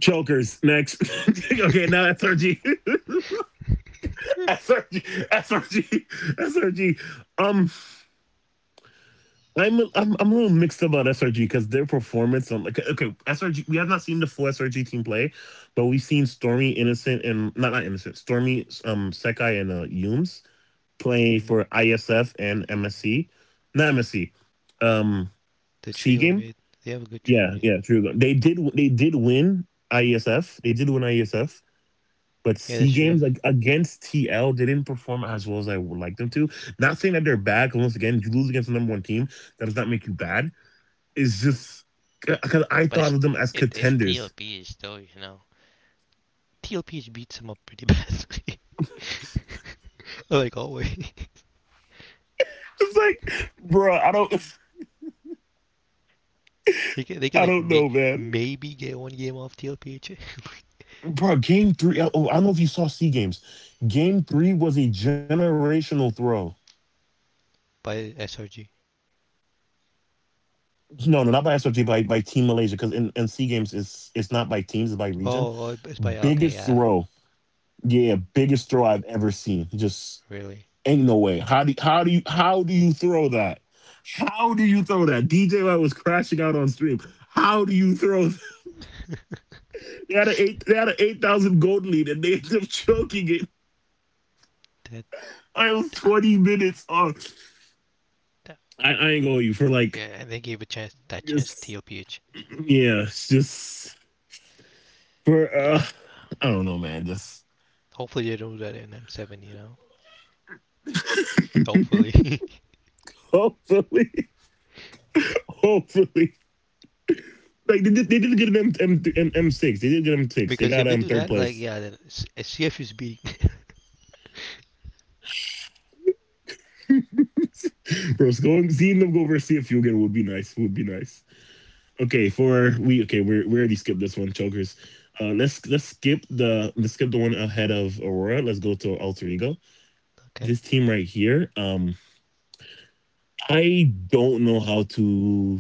Speaker 1: chokers next. Okay, now SRG. SRG. Um I'm I'm a little mixed about SRG because their performance on like okay, SRG we have not seen the full SRG team play, but we've seen Stormy Innocent and not innocent, Stormy Sekai and Yumes play
Speaker 2: Hmm.
Speaker 1: for ISF and MSC. Not MSC. Um
Speaker 2: The
Speaker 1: C
Speaker 2: trio
Speaker 1: game.
Speaker 2: mid, they have a good trio
Speaker 1: Yeah,
Speaker 2: mid.
Speaker 1: yeah, true. They did. They did win IESF. They did win IESF. But
Speaker 2: Yeah, that's
Speaker 1: C
Speaker 2: true.
Speaker 1: games like against TL, they didn't perform as well as I would like them to. Not saying that they're bad, 'cause once again, you lose against the number one team. That does not make you bad. It's just because I
Speaker 2: But
Speaker 1: thought of them as
Speaker 2: it's
Speaker 1: contenders.
Speaker 2: TLPH though, you know. TLPH beats them up pretty badly, like always.
Speaker 1: It's like, bro, I don't,
Speaker 2: They can
Speaker 1: I don't know, man.
Speaker 2: maybe get one game off TLPH
Speaker 1: Bro, game 3. Oh, I don't know if you saw C games. Game 3 was a generational throw.
Speaker 2: by SRG.
Speaker 1: No, no, not by SFG, by Team Malaysia, because in Sea Games it's not by teams, it's by region.
Speaker 2: Oh, oh,
Speaker 1: Biggest
Speaker 2: it's by,
Speaker 1: throw,
Speaker 2: okay, yeah,
Speaker 1: yeah, biggest throw I've ever seen. Just ain't
Speaker 2: really.
Speaker 1: no way. How do you throw that? How do you throw that? DJ White was crashing out on stream. How do you throw that? They had an 8,000 gold lead, and they ended up choking it.
Speaker 2: That,
Speaker 1: I was twenty
Speaker 2: ah,
Speaker 1: minutes on.
Speaker 2: that-
Speaker 1: I ain't going you for like,
Speaker 2: yeah, and they gave a chance, that
Speaker 1: just,
Speaker 2: chance to TLPH.
Speaker 1: yeah, it's just for,
Speaker 2: Yeah,
Speaker 1: I don't know, man. Just
Speaker 2: hopefully they don't do that in M7, you know. Hopefully,
Speaker 1: Hopefully, hopefully, like they did good at M6. They did good at M6. They got
Speaker 2: because if they do
Speaker 1: third
Speaker 2: that,
Speaker 1: place.
Speaker 2: like, yeah, then CF is beating.
Speaker 1: Bro, so going seeing them go over CFU again would be nice. Would be nice. Okay, we already skipped this one, chokers. Let's skip the one ahead of Aurora. Let's go to Alter Ego. This
Speaker 2: Okay,
Speaker 1: team right here. I don't know how to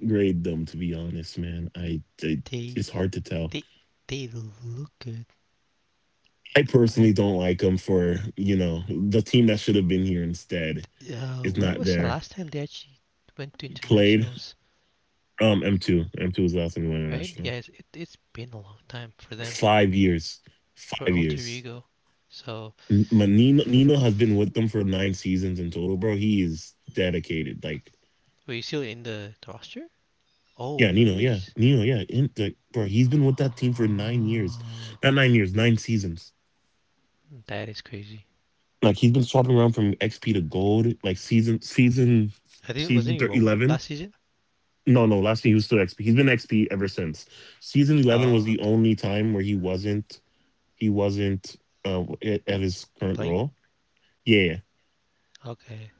Speaker 1: grade them, to be honest, man. I
Speaker 2: they
Speaker 1: it's hard to tell.
Speaker 2: they they look good,
Speaker 1: I personally
Speaker 2: but
Speaker 1: don't like him for the team that should have been here instead is
Speaker 2: when
Speaker 1: not
Speaker 2: was the
Speaker 1: there.
Speaker 2: last time they actually went to
Speaker 1: Played
Speaker 2: internationals?
Speaker 1: M two was the last time he went
Speaker 2: Right?
Speaker 1: international.
Speaker 2: Yeah, it's been a long time for them,
Speaker 1: 5 years,
Speaker 2: for
Speaker 1: five
Speaker 2: Alter
Speaker 1: years.
Speaker 2: Ego. So,
Speaker 1: Nino
Speaker 2: f-
Speaker 1: Nino has
Speaker 2: f-
Speaker 1: been with them for 9 seasons in total, bro. He is dedicated. Like,
Speaker 2: wait, he's still in the roster? Oh,
Speaker 1: yeah, Nino,
Speaker 2: he
Speaker 1: yeah,
Speaker 2: is.
Speaker 1: Nino, yeah. Like, bro, he's been with that team for 9 years,
Speaker 2: Ah,
Speaker 1: not 9 years, 9 seasons.
Speaker 2: that is crazy.
Speaker 1: Like he's been swapping around from XP to gold, like season season
Speaker 2: I think wasn't
Speaker 1: season
Speaker 2: he Rome
Speaker 1: 11.
Speaker 2: last season?
Speaker 1: No, no. Last year he was still XP. He's been XP ever since. Season 11 was
Speaker 2: Oh,
Speaker 1: the
Speaker 2: okay.
Speaker 1: only time where he wasn't. He wasn't, at his current
Speaker 2: Playing?
Speaker 1: role. Yeah,
Speaker 2: Okay.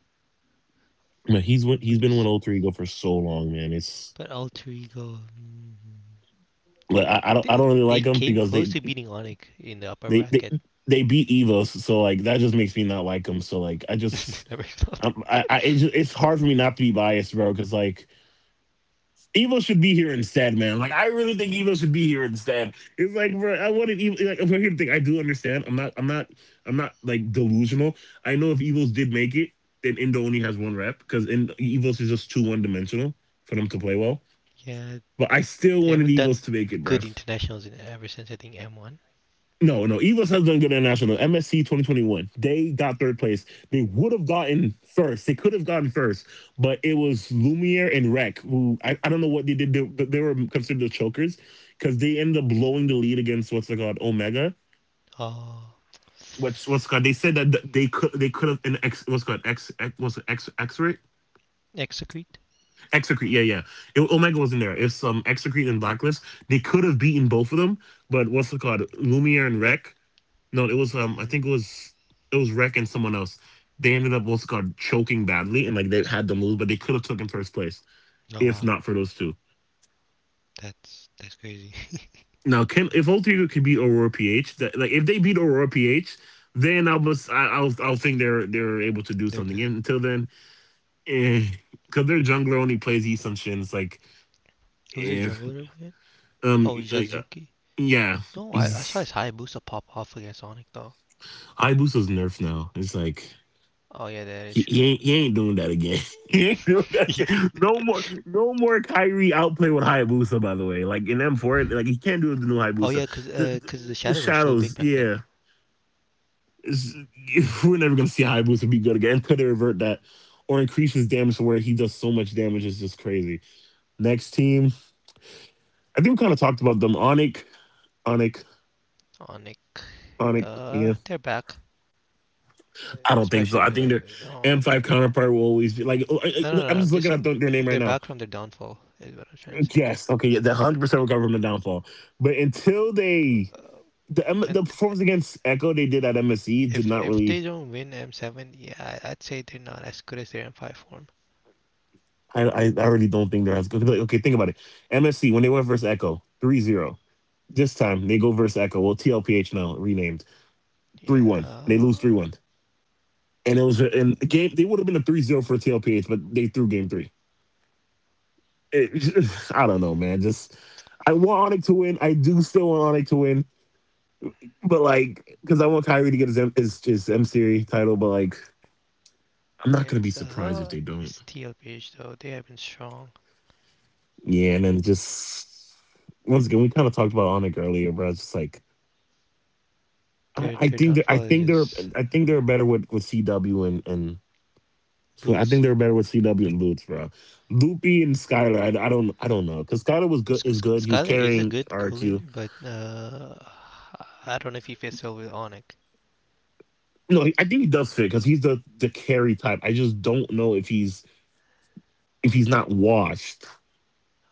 Speaker 1: but he's
Speaker 2: But
Speaker 1: he's been one
Speaker 2: he's
Speaker 1: hundred three go for so long, man. It's
Speaker 2: but Alter Ego.
Speaker 1: like, I, I don't I
Speaker 2: They
Speaker 1: don't really like him
Speaker 2: came
Speaker 1: because
Speaker 2: close to beating Onyx in the upper
Speaker 1: they they
Speaker 2: bracket.
Speaker 1: they beat Evos, so like that just makes me not like him. So like, I just I'm, I it just, it's hard for me not to be biased, bro. Because like, Evo should be here instead, man. Like I really think Evo should be here instead. It's like, bro, I wanted Evo. Like, but here's the thing: I do understand. I'm not. I'm not. I'm not like delusional. I know if Evos did make it, then Indo only has one rep because Evos is just too one dimensional for them to play well.
Speaker 2: Yeah,
Speaker 1: But I still
Speaker 2: they
Speaker 1: wanted
Speaker 2: haven't done
Speaker 1: Evos to make it, bro.
Speaker 2: good internationals in, ever since I think M1.
Speaker 1: No, no. Evos has done good international. MSC 2021. They got third place. They would have gotten first. They could have gotten first, but it was Lumiere and Rec, who, I don't know what they did. They were considered the chokers because they ended up blowing the lead against, what's it called, Omega.
Speaker 2: Oh,
Speaker 1: What's called? They said that they could have an X, what's called, X, what's it, X X-ray?
Speaker 2: execute.
Speaker 1: Execrete. Yeah, yeah. Omega wasn't there. It's, Execrete and Blacklist. They could have beaten both of them, but what's it called? Lumiere and Rec. No, it was,
Speaker 2: Mm.
Speaker 1: I think it was, it was Rec and someone else. They ended up also called choking badly, and like they had them lose, but they could have taken first place
Speaker 2: Oh
Speaker 1: if
Speaker 2: wow,
Speaker 1: not for those two.
Speaker 2: that's crazy.
Speaker 1: Now, can if all three could beat Aurora PH, that, like if they beat Aurora PH, then I'll must I, I'll think they're able to do
Speaker 2: They're
Speaker 1: something.
Speaker 2: good.
Speaker 1: And until then, because their jungler only plays Eason Shins, like,
Speaker 2: Who's their
Speaker 1: if
Speaker 2: jungler again?
Speaker 1: um
Speaker 2: Oh,
Speaker 1: uh,
Speaker 2: Jazuki.
Speaker 1: yeah,
Speaker 2: No, I saw
Speaker 1: it's-
Speaker 2: his Hayabusa pop off against Sonic though.
Speaker 1: Hayabusa's nerfed now. It's like,
Speaker 2: Oh yeah, that is
Speaker 1: You, you
Speaker 2: true.
Speaker 1: ain't you ain't doing that again. You ain't doing that
Speaker 2: He did.
Speaker 1: again. No more Kyrie outplay with Hayabusa, by the way. Like in M4, like he can't do it with the new
Speaker 2: Oh yeah,
Speaker 1: Hayabusa.
Speaker 2: cause
Speaker 1: The,
Speaker 2: uh,
Speaker 1: the,
Speaker 2: cause the
Speaker 1: the
Speaker 2: shadows were so big
Speaker 1: shadows,
Speaker 2: back then.
Speaker 1: yeah. It's- we're never gonna see Hayabusa be good again. Could they revert that? Or increase his damage to where he does so much damage it's just crazy. Next team. I think we kind of talked about them. Onik,
Speaker 2: On Nick.
Speaker 1: Onik. Yeah,
Speaker 2: They're back. Uh,
Speaker 1: I don't think so. I
Speaker 2: especially
Speaker 1: think
Speaker 2: like,
Speaker 1: their
Speaker 2: no, they're,
Speaker 1: M5 counterpart will always be like, oh,
Speaker 2: no, no, no.
Speaker 1: am
Speaker 2: I'm
Speaker 1: just
Speaker 2: just
Speaker 1: looking at
Speaker 2: saying
Speaker 1: their name right
Speaker 2: they're
Speaker 1: now.
Speaker 2: back from their downfall is what I'm trying to say.
Speaker 1: Yes. Okay. The 100% recover from the downfall. But until they the M-
Speaker 2: And
Speaker 1: the performance against Echo they did at MSC did not
Speaker 2: if they
Speaker 1: really.
Speaker 2: don't win M7, yeah, I would say they're not as good as their M5 form.
Speaker 1: I already don't think they're as good. Like, okay, think about it. MSC when they went versus Echo 3-0. This time they go versus Echo, well, TLPH now renamed, three
Speaker 2: Yeah.
Speaker 1: one. They lose 3-1, and and the game. They would have been a 3-0 for TLPH, but they threw game three. It, I don't know,
Speaker 2: Mm.
Speaker 1: man. Just, I want Onyx to win. I do still want Onyx to win. But like, because I want Kyrie to get his his M series title, but like, I'm not gonna be
Speaker 2: It's
Speaker 1: surprised if
Speaker 2: uh,
Speaker 1: they don't.
Speaker 2: it's TLPH though. They have been strong.
Speaker 1: Yeah, and then, just, once again, we kind of talked about Onik earlier, but I was just like, I
Speaker 2: Their
Speaker 1: think that
Speaker 2: downfall is just
Speaker 1: I think they're better with CW and so I
Speaker 2: boots.
Speaker 1: think they're better with CW and Boots, bro. Loopy and Skylar, I don't know because Skylar was good, is good. He was
Speaker 2: Skyler is a
Speaker 1: carrying
Speaker 2: good
Speaker 1: RQ.
Speaker 2: goalieer, but I don't know if he fits well with Onik.
Speaker 1: No, I think he does fit because he's the carry type. I just don't know if he's not washed.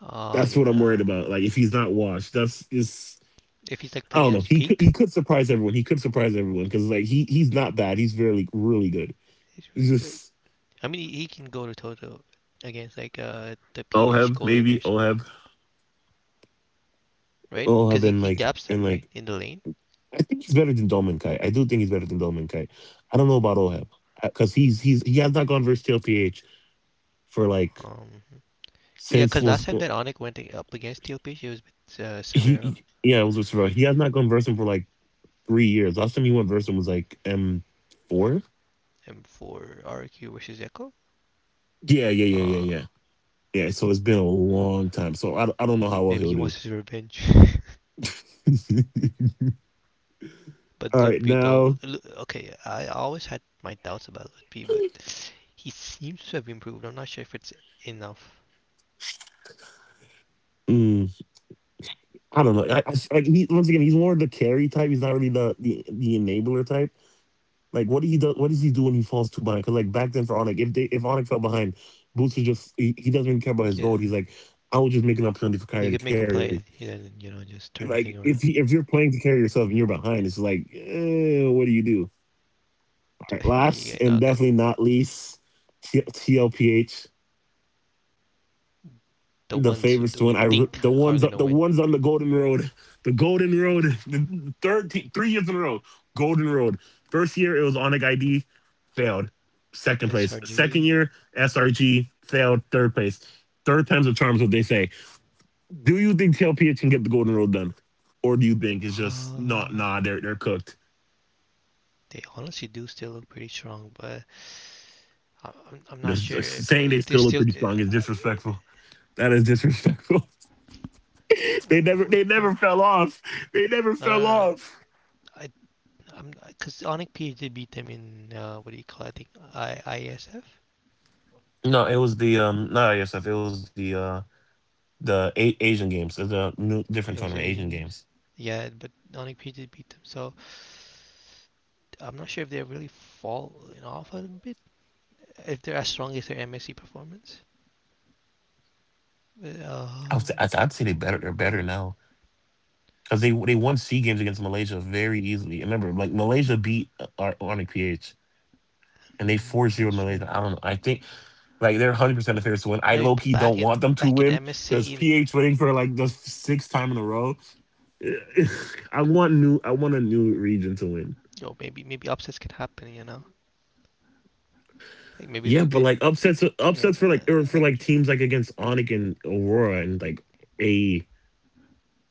Speaker 2: Oh
Speaker 1: That's
Speaker 2: yeah.
Speaker 1: what I'm worried about. Like if he's
Speaker 2: Hmm.
Speaker 1: not washed, that's, is,
Speaker 2: If he's like
Speaker 1: I
Speaker 2: playing
Speaker 1: don't
Speaker 2: at
Speaker 1: know.
Speaker 2: his
Speaker 1: He could
Speaker 2: peak,
Speaker 1: he could surprise everyone. He could surprise everyone because like he's not bad. He's really really good.
Speaker 2: he's
Speaker 1: He's
Speaker 2: really good.
Speaker 1: just,
Speaker 2: I mean, he can go to Toto against like the PH
Speaker 1: Oheb, maybe
Speaker 2: goaliers,
Speaker 1: Oheb.
Speaker 2: right? Because
Speaker 1: Oheb and
Speaker 2: he
Speaker 1: like
Speaker 2: gaps them
Speaker 1: and
Speaker 2: right
Speaker 1: like
Speaker 2: in the lane.
Speaker 1: I think he's better than Dolmankai. I do think he's better than Dolmankai. I don't know about Oheb because he has not gone versus TLPH for like,
Speaker 2: Um, yeah,
Speaker 1: since,
Speaker 2: because last time that Onik went up against TLPH, it was with Severo.
Speaker 1: yeah, it was with Sorrel. He has not gone versus him for like 3 years. Last time he went versus him was like M4.
Speaker 2: M4 RQ versus Echo.
Speaker 1: Yeah, yeah, yeah, yeah,
Speaker 2: Uh,
Speaker 1: yeah. Yeah, so it's been a long time. So I don't know how well
Speaker 2: maybe
Speaker 1: he'll
Speaker 2: he
Speaker 1: do.
Speaker 2: wants his revenge. But
Speaker 1: All right,
Speaker 2: Lutfi though,
Speaker 1: now,
Speaker 2: okay, I always had my doubts about Lutfi, but he seems to have improved. I'm not sure if it's enough.
Speaker 1: mm, I don't know. Like, once again, he's more the carry type. He's not really the enabler type. Like what do he do? What does he do when he falls too behind? Because like back then for Onik, if they if Onik fell behind, Boots would just, he doesn't even care about his goal.
Speaker 2: Yeah,
Speaker 1: He's like, I will just make an opportunity for Kyrie to
Speaker 2: he could make
Speaker 1: carry.
Speaker 2: a play and you know
Speaker 1: Like
Speaker 2: just
Speaker 1: if
Speaker 2: turn the
Speaker 1: if
Speaker 2: thing
Speaker 1: you're
Speaker 2: around.
Speaker 1: playing to carry yourself and you're behind, it's like, eh, what do you do? All right, last and
Speaker 2: Yeah,
Speaker 1: definitely
Speaker 2: not
Speaker 1: not
Speaker 2: good.
Speaker 1: least, TLPH. The
Speaker 2: The
Speaker 1: favorites
Speaker 2: ones
Speaker 1: to win.
Speaker 2: that we
Speaker 1: The
Speaker 2: think
Speaker 1: ones
Speaker 2: are
Speaker 1: the
Speaker 2: gonna
Speaker 1: ones
Speaker 2: win.
Speaker 1: on the Golden Road, 3 years in a row, Golden Road. First year it was Onyx ID, failed. Second place. Second
Speaker 2: SRG.
Speaker 1: year, SRG failed. Third place. Third time's the charm, is what they say. Do you think TLPH can get the Golden Road done, or do you think it's just not?
Speaker 2: Uh,
Speaker 1: Nah, they're cooked.
Speaker 2: they honestly do still look pretty strong, but I'm not
Speaker 1: Just-
Speaker 2: sure
Speaker 1: just saying they
Speaker 2: if they
Speaker 1: still look
Speaker 2: still.
Speaker 1: pretty strong is disrespectful. That is disrespectful. they never they
Speaker 2: No,
Speaker 1: never fell off. They never
Speaker 2: no,
Speaker 1: fell
Speaker 2: no, no.
Speaker 1: off.
Speaker 2: I, I'm because Onic PhD beat them in what do you call it? I think ISF.
Speaker 1: No, it was, the not ISF. It was the Asian games. There's a new different
Speaker 2: It was
Speaker 1: tournament,
Speaker 2: the
Speaker 1: Asian
Speaker 2: Asian
Speaker 1: games.
Speaker 2: Games. Yeah, but Onyx PG beat them. So I'm not sure if they really fall in off a bit. If they're as strong as their MSC performance.
Speaker 1: I would say,
Speaker 2: But
Speaker 1: I'd, I'd say they better. They're better now because they won C games against Malaysia very easily. And remember, like Malaysia beat, our Onyx PH and they four
Speaker 2: mm,
Speaker 1: zero
Speaker 2: that's
Speaker 1: Malaysia.
Speaker 2: true.
Speaker 1: I don't know. I think like they're 100% the favorites to win. I
Speaker 2: But I
Speaker 1: low
Speaker 2: mean,
Speaker 1: key don't want them to
Speaker 2: back
Speaker 1: win
Speaker 2: in
Speaker 1: because
Speaker 2: MSC and
Speaker 1: PH winning for like the sixth time in a row. I want a new region to win.
Speaker 2: yo, maybe maybe upsets could happen, you know? Like maybe
Speaker 1: Yeah, but like,
Speaker 2: they
Speaker 1: upsets for
Speaker 2: gonna
Speaker 1: like,
Speaker 2: like,
Speaker 1: teams like against Onik and Aurora and like a.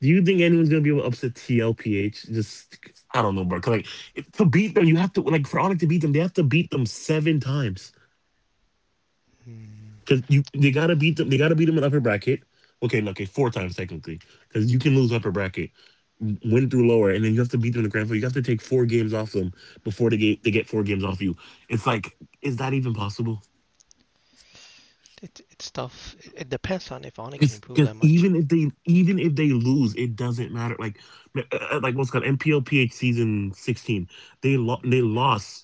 Speaker 1: Do you think anyone's gonna be able to upset TLPH? Just, I don't know, bro. 'Cause, like, to beat them, you have to, like, for Onik to beat them, they have to beat them seven times.
Speaker 2: mm,
Speaker 1: 'Cause, you they gotta beat them. They gotta beat them in upper bracket. Okay, no, okay, four times technically, because you can lose upper bracket, win through lower, and then you have to beat them in the grand final. You have to take four games off them before they get four games off you. It's like, is that even possible?
Speaker 2: it, it's tough. It depends on if Onyx can
Speaker 1: It's
Speaker 2: improve
Speaker 1: 'cause
Speaker 2: that much.
Speaker 1: even if they lose, it doesn't matter. Like, uh, like what's it called, MPLPH season 16. They lost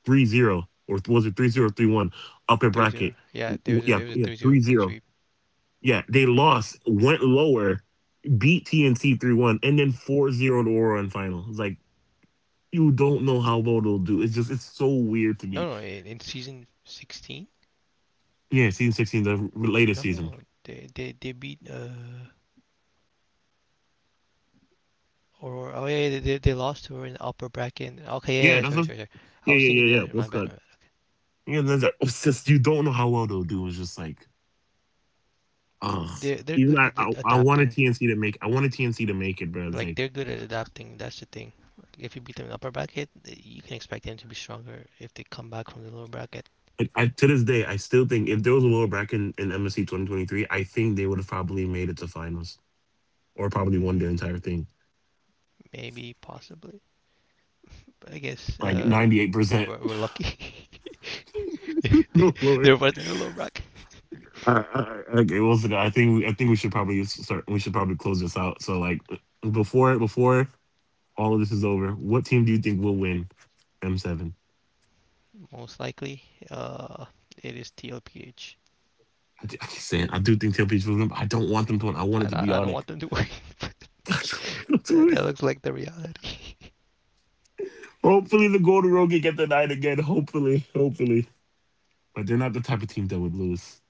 Speaker 1: 3-0, or was it 3-0, 3-1, upper
Speaker 2: Three
Speaker 1: bracket.
Speaker 2: zero, Yeah, there's a,
Speaker 1: Yeah,
Speaker 2: it was a
Speaker 1: yeah,
Speaker 2: 3-0
Speaker 1: three
Speaker 2: clean
Speaker 1: zero.
Speaker 2: sweep.
Speaker 1: Yeah, they lost, went lower, beat TNC 3-1, and then 4-0 0 to Aura in final. It's like, you don't know how well they'll do. It's just, it's so weird to me.
Speaker 2: No, no, in season 16.
Speaker 1: Yeah, season 16, the latest
Speaker 2: No,
Speaker 1: season.
Speaker 2: no, they beat or oh yeah, yeah, they lost to her in the upper bracket. Okay, yeah,
Speaker 1: Yeah,
Speaker 2: yeah,
Speaker 1: that's
Speaker 2: sorry,
Speaker 1: what,
Speaker 2: sorry, sorry. I
Speaker 1: yeah,
Speaker 2: was
Speaker 1: yeah,
Speaker 2: thinking the
Speaker 1: yeah, yeah.
Speaker 2: other. My
Speaker 1: What's
Speaker 2: bad,
Speaker 1: good?
Speaker 2: my bad.
Speaker 1: Yeah, that's it. It's just, you don't know how well they'll do. It's just like, ugh.
Speaker 2: They they're
Speaker 1: Even
Speaker 2: good at
Speaker 1: I, I, I
Speaker 2: adapting.
Speaker 1: wanted TNC to make, I wanted TNC to make it, but it's
Speaker 2: Like they're good at adapting. That's the thing. Like, if you beat them in the upper bracket, you can expect them to be stronger if they come back from the lower bracket.
Speaker 1: like I, to this day, I still think if there was a lower bracket in MSC 2023, I think they would have probably made it to finals or probably won the
Speaker 2: Mm,
Speaker 1: entire thing,
Speaker 2: maybe, possibly, but I guess
Speaker 1: like 98%.
Speaker 2: we're lucky.
Speaker 1: No lower.
Speaker 2: There was in the lower bracket.
Speaker 1: I, okay, well, so I think we should probably start. We should probably close this out. So like, before all of this is over, what team do you think will win M7?
Speaker 2: Most likely, uh, it is TLPH.
Speaker 1: I keep saying I do think Tail Peach will win, but I don't want them to win. I want it to be
Speaker 2: I don't
Speaker 1: Yannick.
Speaker 2: want them to win.
Speaker 1: I don't want them to
Speaker 2: That
Speaker 1: win.
Speaker 2: that looks like the reality.
Speaker 1: Hopefully the Golden Road can get the night again. Hopefully. Hopefully. But they're not the type of team that would lose.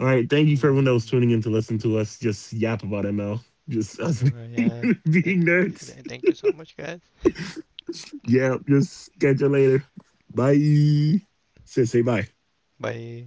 Speaker 1: All right. Thank you for everyone that was
Speaker 2: Mm.
Speaker 1: tuning in to listen to us just yap about ML. Just us
Speaker 2: All right,
Speaker 1: being,
Speaker 2: yeah. Th- th-
Speaker 1: being
Speaker 2: th-
Speaker 1: nerds.
Speaker 2: th thank you so much, guys.
Speaker 1: Yeah, just catch you later. Bye. Say bye.
Speaker 2: Bye.